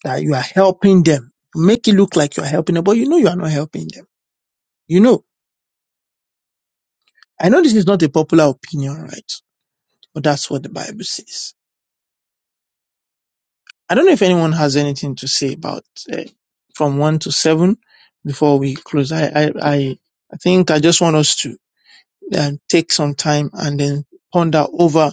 that you are helping them. You Make it look like you're helping them, but you know you are not helping them. You know, I know this is not a popular opinion, right? But that's what the Bible says. I don't know if anyone has anything to say about uh, from one to seven before we close. I, I, I, I think I just want us to and take some time and then ponder over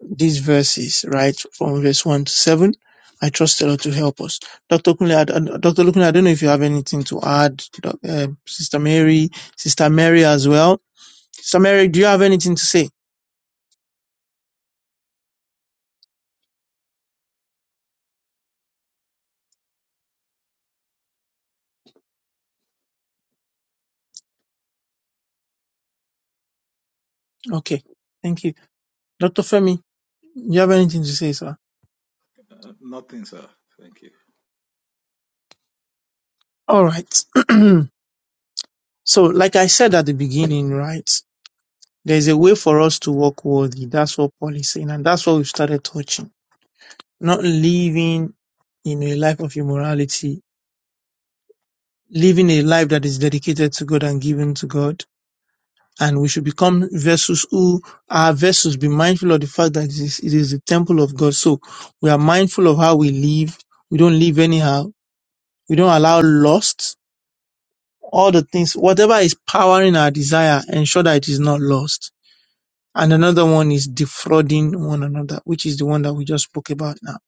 these verses, right, from verse 1 to 7. I trust the Lord to help us. Dr. Kunle, I- Dr. Lukule, I don't know if you have anything to add. Doc- eh, Sister Mary, Sister Mary as well. Sister Mary, do you have anything to say? Okay, thank you. Dr. Femi, you have anything to say, sir? Uh, nothing, sir. Thank you. All right. [clears throat] so, like I said at the beginning, right? There's a way for us to walk worthy. That's what Paul is saying. And that's what we've started touching. Not living in a life of immorality, living a life that is dedicated to God and given to God. And we should become vessels who are vessels, be mindful of the fact that it is, it is the temple of God. So we are mindful of how we live. We don't live anyhow. We don't allow lust. All the things, whatever is powering our desire, ensure that it is not lost. And another one is defrauding one another, which is the one that we just spoke about now.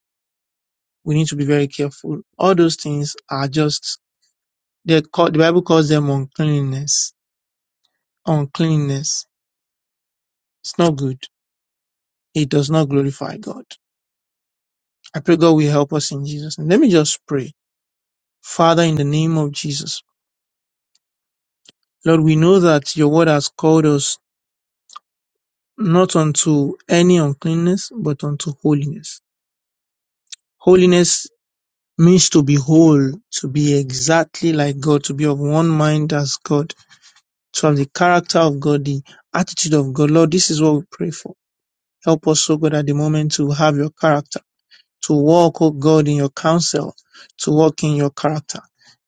We need to be very careful. All those things are just, they're called, the Bible calls them uncleanness. Uncleanness. It's not good. It does not glorify God. I pray God will help us in Jesus. And let me just pray. Father, in the name of Jesus, Lord, we know that your word has called us not unto any uncleanness, but unto holiness. Holiness means to be whole, to be exactly like God, to be of one mind as God, to have the character of God, the attitude of God. Lord, this is what we pray for. Help us, O God, at the moment to have your character, to walk, O God, in your counsel, to walk in your character.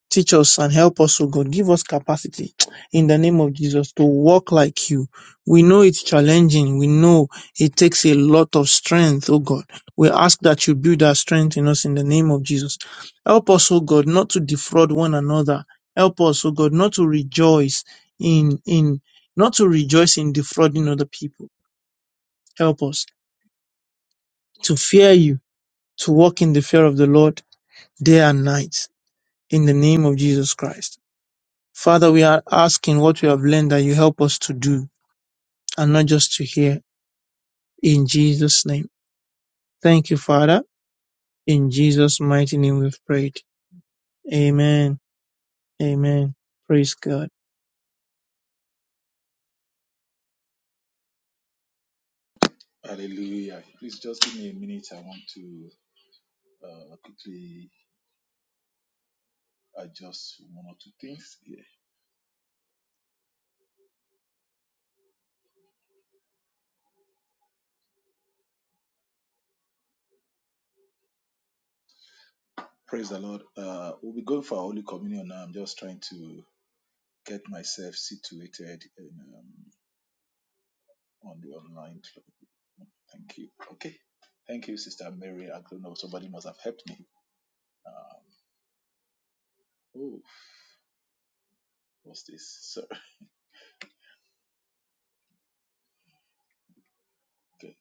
Teach us and help us, O God. Give us capacity in the name of Jesus to walk like you. We know it's challenging. We know it takes a lot of strength, O God. We ask that you build our strength in us in the name of Jesus. Help us, O God, not to defraud one another. Help us, O God, not to rejoice in, in, not to rejoice in defrauding other people. Help us to fear you, to walk in the fear of the Lord day and night in the name of Jesus Christ. Father, we are asking what we have learned that you help us to do and not just to hear. In Jesus' name. Thank you, Father. In Jesus' mighty name we've prayed. Amen. Amen. Praise God. Hallelujah. Please just give me a minute. I want to uh, quickly adjust one or two things. Yeah. Praise the Lord. Uh, we'll be going for our Holy Communion now. I'm just trying to get myself situated in, um, on the online. Thank you. Okay. Thank you, Sister Mary. I don't know. Somebody must have helped me. Um, oh, what's this? So, okay.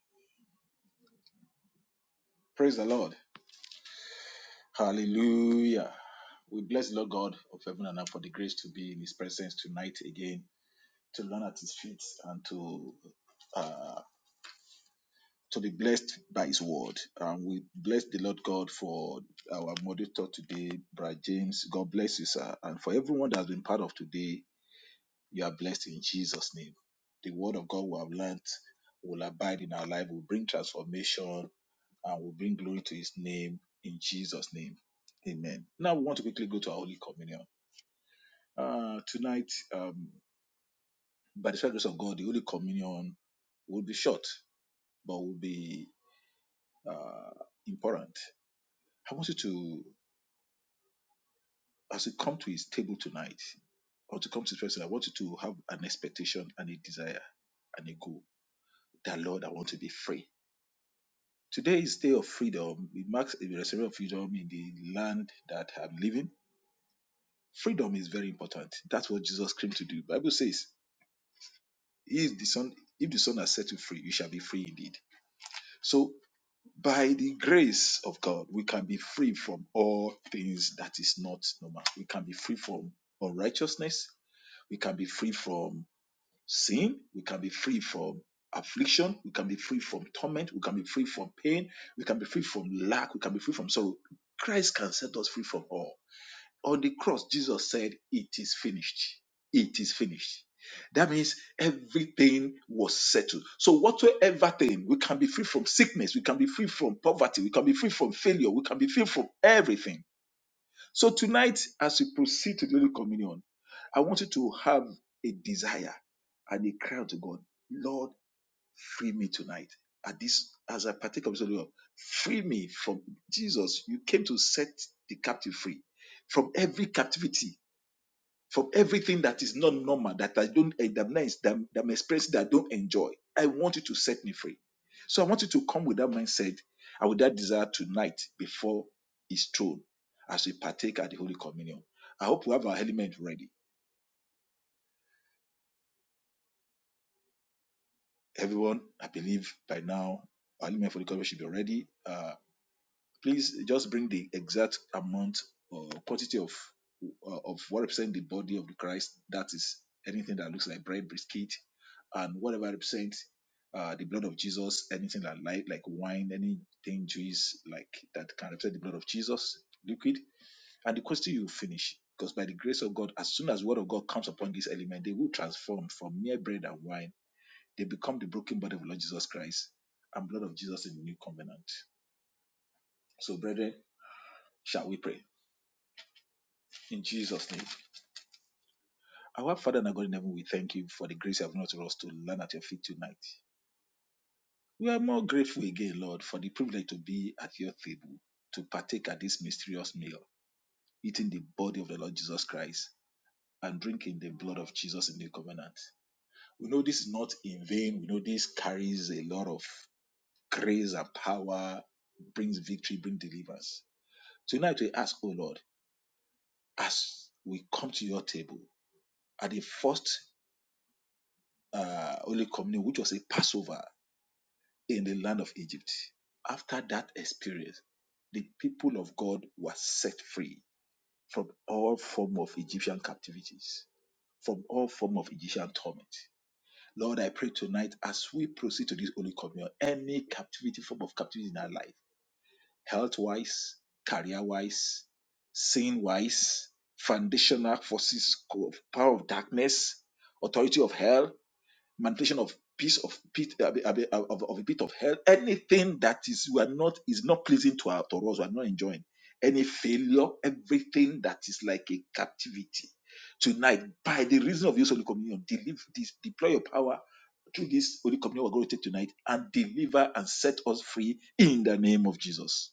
Praise the Lord. Hallelujah. We bless the Lord God of heaven and earth for the grace to be in His presence tonight again, to learn at His feet and to uh, to be blessed by His word. Um, we bless the Lord God for our moderator today, Brother James. God bless you, sir, and for everyone that has been part of today. You are blessed in Jesus' name. The word of God we have learnt, will abide in our life, will bring transformation, and will bring glory to his name in Jesus' name. Amen. Now we want to quickly go to our Holy Communion. Uh, tonight, um, by the special grace of God, the Holy Communion will be short, but will be uh, important. I want you to, as you come to his table tonight, or to come to the presence. I want you to have an expectation and a desire and a goal that Lord, I want to be free. Today is day of freedom. It marks the restoration of freedom in the land that I'm living. Freedom is very important. That's what Jesus came to do. Bible says, if the son, if the son has set you free, you shall be free indeed. So by the grace of God, we can be free from all things that is not normal. We can be free from unrighteousness. We can be free from sin, we can be free from affliction, we can be free from torment, we can be free from pain, we can be free from lack, we can be free from sorrow. Christ can set us free from all. On the cross, Jesus said, It is finished. It is finished. That means everything was settled. So, whatsoever thing, we can be free from sickness, we can be free from poverty, we can be free from failure, we can be free from everything so tonight, as we proceed to the Holy Communion, I want you to have a desire and a cry to God, Lord, free me tonight. At this, as I partake of this Holy Lord, free me from Jesus. You came to set the captive free from every captivity from everything that is not normal, that I don't, eh, that I'm, not- that, I'm that I'm experiencing, that I don't enjoy. I want you to set me free. So I want you to come with that mindset and with that desire tonight before His throne as we partake at the Holy Communion. I hope we have our element ready. Everyone, I believe by now, our element for the communion should be ready. Uh, please just bring the exact amount or quantity of uh, of what represents the body of the Christ. That is anything that looks like bread, biscuit, and whatever represents uh, the blood of Jesus. Anything that light like wine, anything juice like that can represent the blood of Jesus, liquid, and the quantity you finish. Because by the grace of God, as soon as the word of God comes upon this element, they will transform from mere bread and wine. They become the broken body of Lord Jesus Christ and blood of Jesus in the new covenant. So, brethren, shall we pray? In Jesus' name. Our Father and our God in heaven, we thank you for the grace you have not us to learn at your feet tonight. We are more grateful again, Lord, for the privilege to be at your table, to partake at this mysterious meal, eating the body of the Lord Jesus Christ and drinking the blood of Jesus in the covenant. We know this is not in vain. We know this carries a lot of grace and power, brings victory, brings deliverance. Tonight we ask, oh Lord, as we come to your table, at the first uh, Holy Communion, which was a Passover in the land of Egypt. After that experience, the people of God were set free from all form of Egyptian captivities, from all form of Egyptian torment. Lord, I pray tonight as we proceed to this Holy Communion, any captivity, form of captivity in our life, health-wise, career-wise, sin-wise, foundational forces of power of darkness, authority of hell, manipulation of piece of pit of, of, of a bit of hell, anything that is we are not is not pleasing to our to us, we are not enjoying. Any failure, everything that is like a captivity. Tonight, by the reason of this Holy Communion, deliver this, deploy your power through this Holy Communion we're going to take tonight and deliver and set us free in the name of Jesus.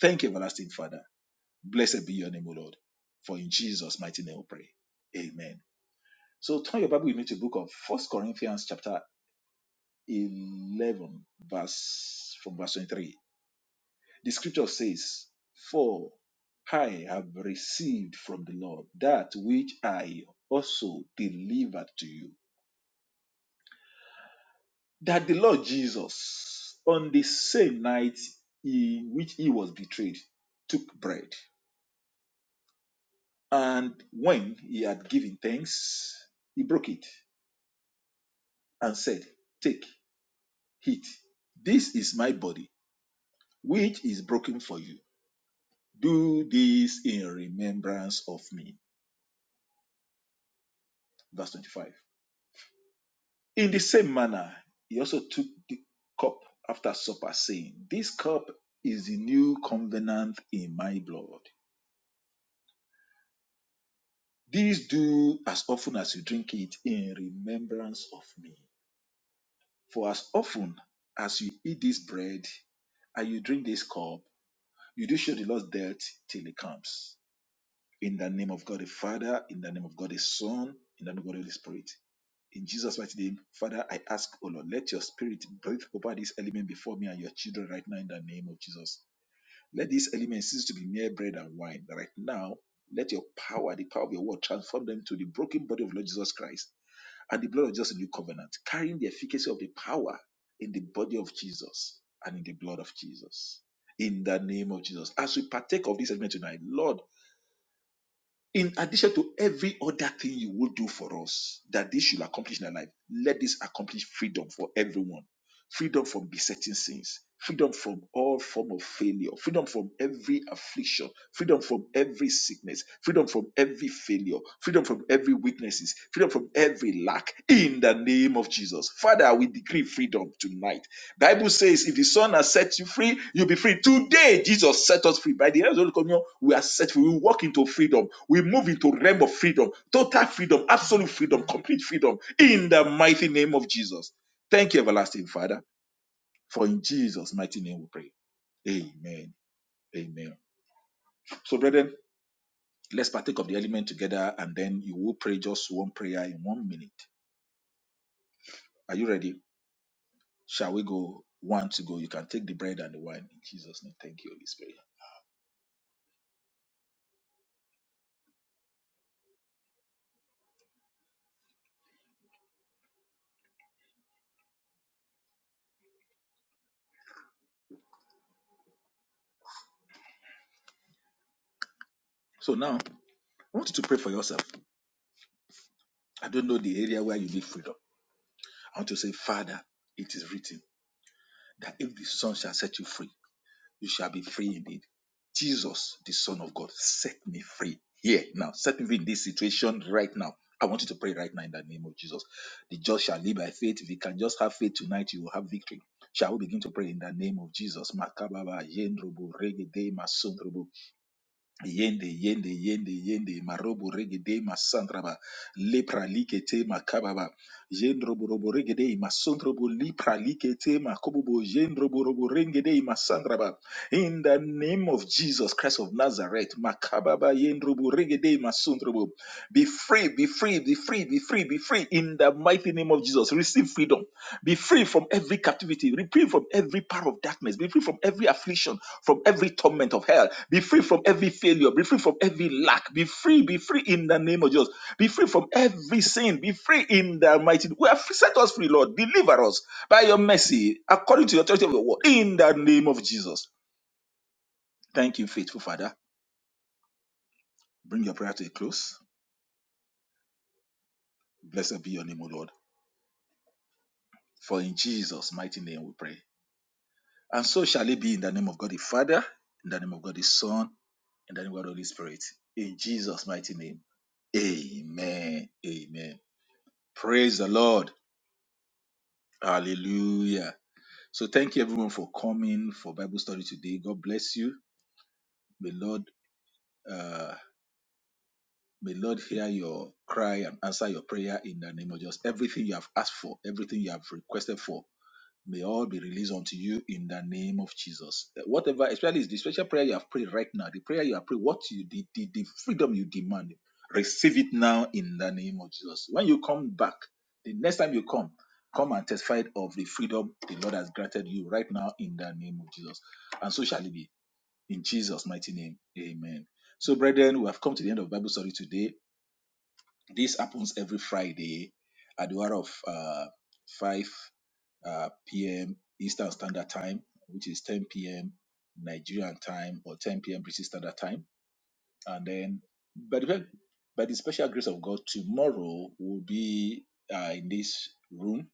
Thank you, everlasting Father. Blessed be your name, O Lord. For in Jesus' mighty name we pray. Amen. So turn your Bible with me to the book of First Corinthians chapter 11 verse from verse 23 the scripture says for i have received from the lord that which i also delivered to you that the lord jesus on the same night in which he was betrayed took bread and when he had given thanks he broke it and said, 'Take, eat; this is my body which is broken for you Do this in remembrance of me. Verse 25. In the same manner, he also took the cup after supper, saying, This cup is the new covenant in my blood. This do as often as you drink it in remembrance of me. For as often as you eat this bread and you drink this cup, you do show the Lord's death till he comes. In the name of God the Father, in the name of God the Son, in the name of God the Holy Spirit. In Jesus' mighty name, Father, I ask, O Lord, let your spirit breathe over this element before me and your children right now in the name of Jesus. Let this element cease to be mere bread and wine. Right now, let your power, the power of your word, transform them to the broken body of Lord Jesus Christ and the blood of Jesus in new covenant, carrying the efficacy of the power in the body of Jesus and in the blood of Jesus. In the name of Jesus. As we partake of this element tonight, Lord, in addition to every other thing you will do for us that this should accomplish in our life let this accomplish freedom for everyone freedom from besetting sins freedom from all form of failure freedom from every affliction freedom from every sickness freedom from every failure freedom from every weaknesses freedom from every lack in the name of jesus father we decree freedom tonight Bible says, if the Son has set you free, you'll be free. Today, Jesus set us free. By the end of the Holy Communion, we are set free. We walk into freedom. We move into realm of freedom, total freedom, absolute freedom, complete freedom. In the mighty name of Jesus. Thank you, everlasting Father. For in Jesus' mighty name we pray. Amen. Amen. So, brethren, let's partake of the element together, and then you will pray just one prayer in one minute. Are you ready? Shall we go? One to go. You can take the bread and the wine in Jesus' name. Thank you, Holy Spirit. So now. I want you to pray for yourself. I don't know the area where you need freedom. I want to say, Father, it is written that if the Son shall set you free, you shall be free indeed. Jesus, the Son of God, set me free here now. Set me free in this situation right now. I want you to pray right now in the name of Jesus. The just shall live by faith. If you can just have faith tonight, you will have victory. Shall we begin to pray in the name of Jesus? Yende, yende, yende, yende, marobo regede, masandraba, lepra likete, makababa, jendrobo robo regede, masondrobo lipra likete, makobobo, jendrobo robo regede, masandraba. In the name of Jesus Christ of Nazareth, makababa, yendrobo regede, masondrobo. Be free, be free, be free, be free, be free. In the mighty name of Jesus, receive freedom. Be free from every captivity. Be free from every power of darkness. Be free from every affliction, from every torment of hell. Be free from every failure. Be free from every lack. Be free. Be free in the name of Jesus. Be free from every sin. Be free in the mighty. We are free. Set us free, Lord. Deliver us by your mercy, according to the authority of your word, in the name of Jesus. Thank you, faithful Father. Bring your prayer to a close. Blessed be your name, O Lord. For in Jesus' mighty name we pray. And so shall it be in the name of God the Father, in the name of God the Son in the name of the Holy Spirit. In Jesus' mighty name. Amen. Amen. Praise the Lord. Hallelujah. So thank you everyone for coming for Bible study today. God bless you. May Lord uh may Lord hear your cry and answer your prayer in the name of Jesus. Everything you have asked for, everything you have requested for May all be released unto you in the name of Jesus. Uh, Whatever, especially the special prayer you have prayed right now, the prayer you have prayed, what you did, the, the freedom you demand, receive it now in the name of Jesus. When you come back, the next time you come, come and testify of the freedom the Lord has granted you right now in the name of Jesus. And so shall it be in Jesus' mighty name. Amen. So, brethren, we have come to the end of Bible study today. This happens every Friday at the hour of uh, 5 uh, p.m. Eastern Standard Time, which is 10 p.m. Nigerian time or 10 p.m. British Standard Time. And then, by the, by the special grace of God, tomorrow will be uh, in this room.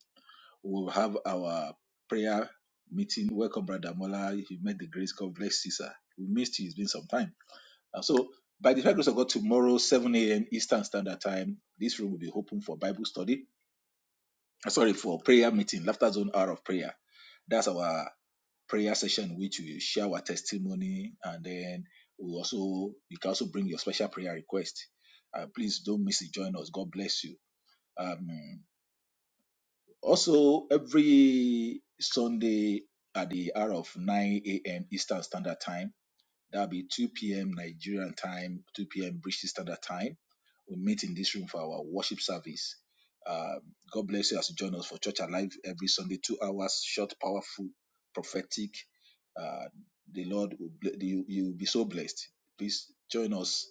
We'll have our prayer meeting. Welcome, Brother Mola. If you met the grace, God bless you, sir. We missed you. It's been some time uh, so by the time grace of God, tomorrow, 7 a.m. Eastern Standard Time, this room will be open for Bible study. uh, Sorry, for prayer meeting, Laughter Zone Hour of Prayer. That's our prayer session, which we share our testimony, and then we also you can also bring your special prayer request. Uh, please don't miss it. Join us. God bless you. Um, also, every Sunday at the hour of 9 a.m. Eastern Standard Time That'll be 2 p.m. Nigerian time, 2 p.m. British Standard Time. We meet in this room for our worship service. Uh, God bless you as you join us for Church Alive every Sunday, two hours, short, powerful, prophetic. Uh, the Lord will ble- you. You'll be so blessed. Please join us.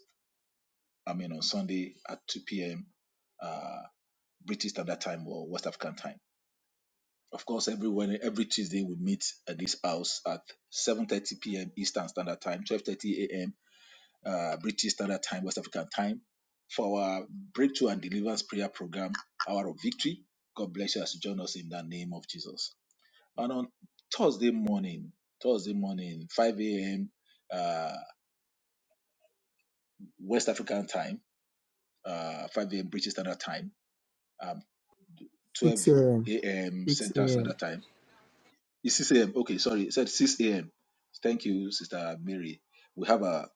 I mean, on Sunday at 2 p.m. Uh, British Standard Time or West African Time. Of course, every Wed- every Tuesday we meet at this house at 7:30 p.m. Eastern Standard Time, 12:30 a.m uh, British Standard Time, West African Time, for our Breakthrough and Deliverance Prayer Program, Hour of Victory. God bless you as you join us in the name of Jesus. And on Thursday morning, Thursday morning, 5 a.m. Uh, West African Time, uh, 5 a.m. British Standard Time, um, 12 6 a.m. a.m. 6 Central a.m. Standard Time. It's 6 a.m. Okay, sorry. It said 6 a.m. Thank you, Sister Mary. We have a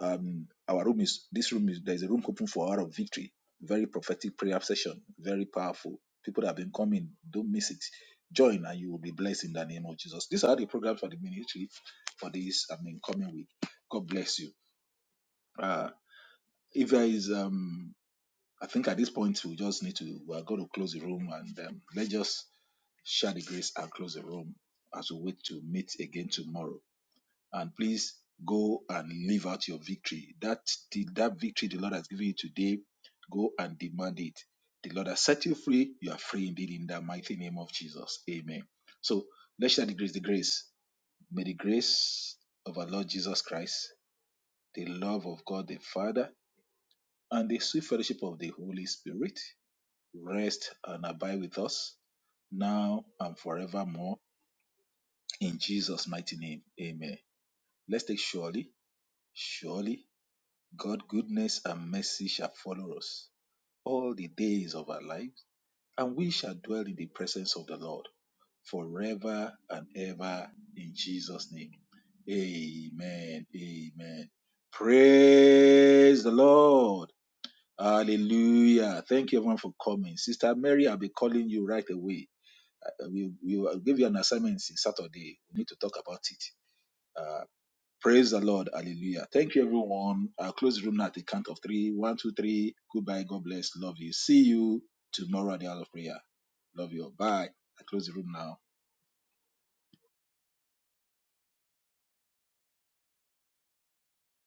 um our room is this room is there's a room open for hour of victory. Very prophetic prayer session, very powerful. People that have been coming, don't miss it. Join and you will be blessed in the name of Jesus. These are the programs for the ministry for this I mean coming week. God bless you. Uh if there is um I think at this point we just need to we are going to close the room and um, let's just share the grace and close the room as we wait to meet again tomorrow. And please go and live out your victory. That the that victory the Lord has given you today, go and demand it. The Lord has set you free. You are free indeed in the mighty name of Jesus. Amen. So let's share the grace. The grace. May the grace of our Lord Jesus Christ, the love of God the Father, and the sweet fellowship of the Holy Spirit rest and abide with us now and forevermore. In Jesus' mighty name, amen. Let's take surely, surely God goodness and mercy shall follow us all the days of our lives, and we shall dwell in the presence of the Lord forever and ever in Jesus' name. Amen. Amen. Praise the Lord. Hallelujah. Thank you everyone for coming. Sister Mary, I'll be calling you right away. Uh, We we will give you an assignment in Saturday. We need to talk about it Uh, Praise the Lord. Hallelujah. Thank you, everyone. I'll close the room now at the count of three. One, two, three. Goodbye. God bless. Love you. See you tomorrow at the hour of prayer. Love you. all. Bye. I close the room now.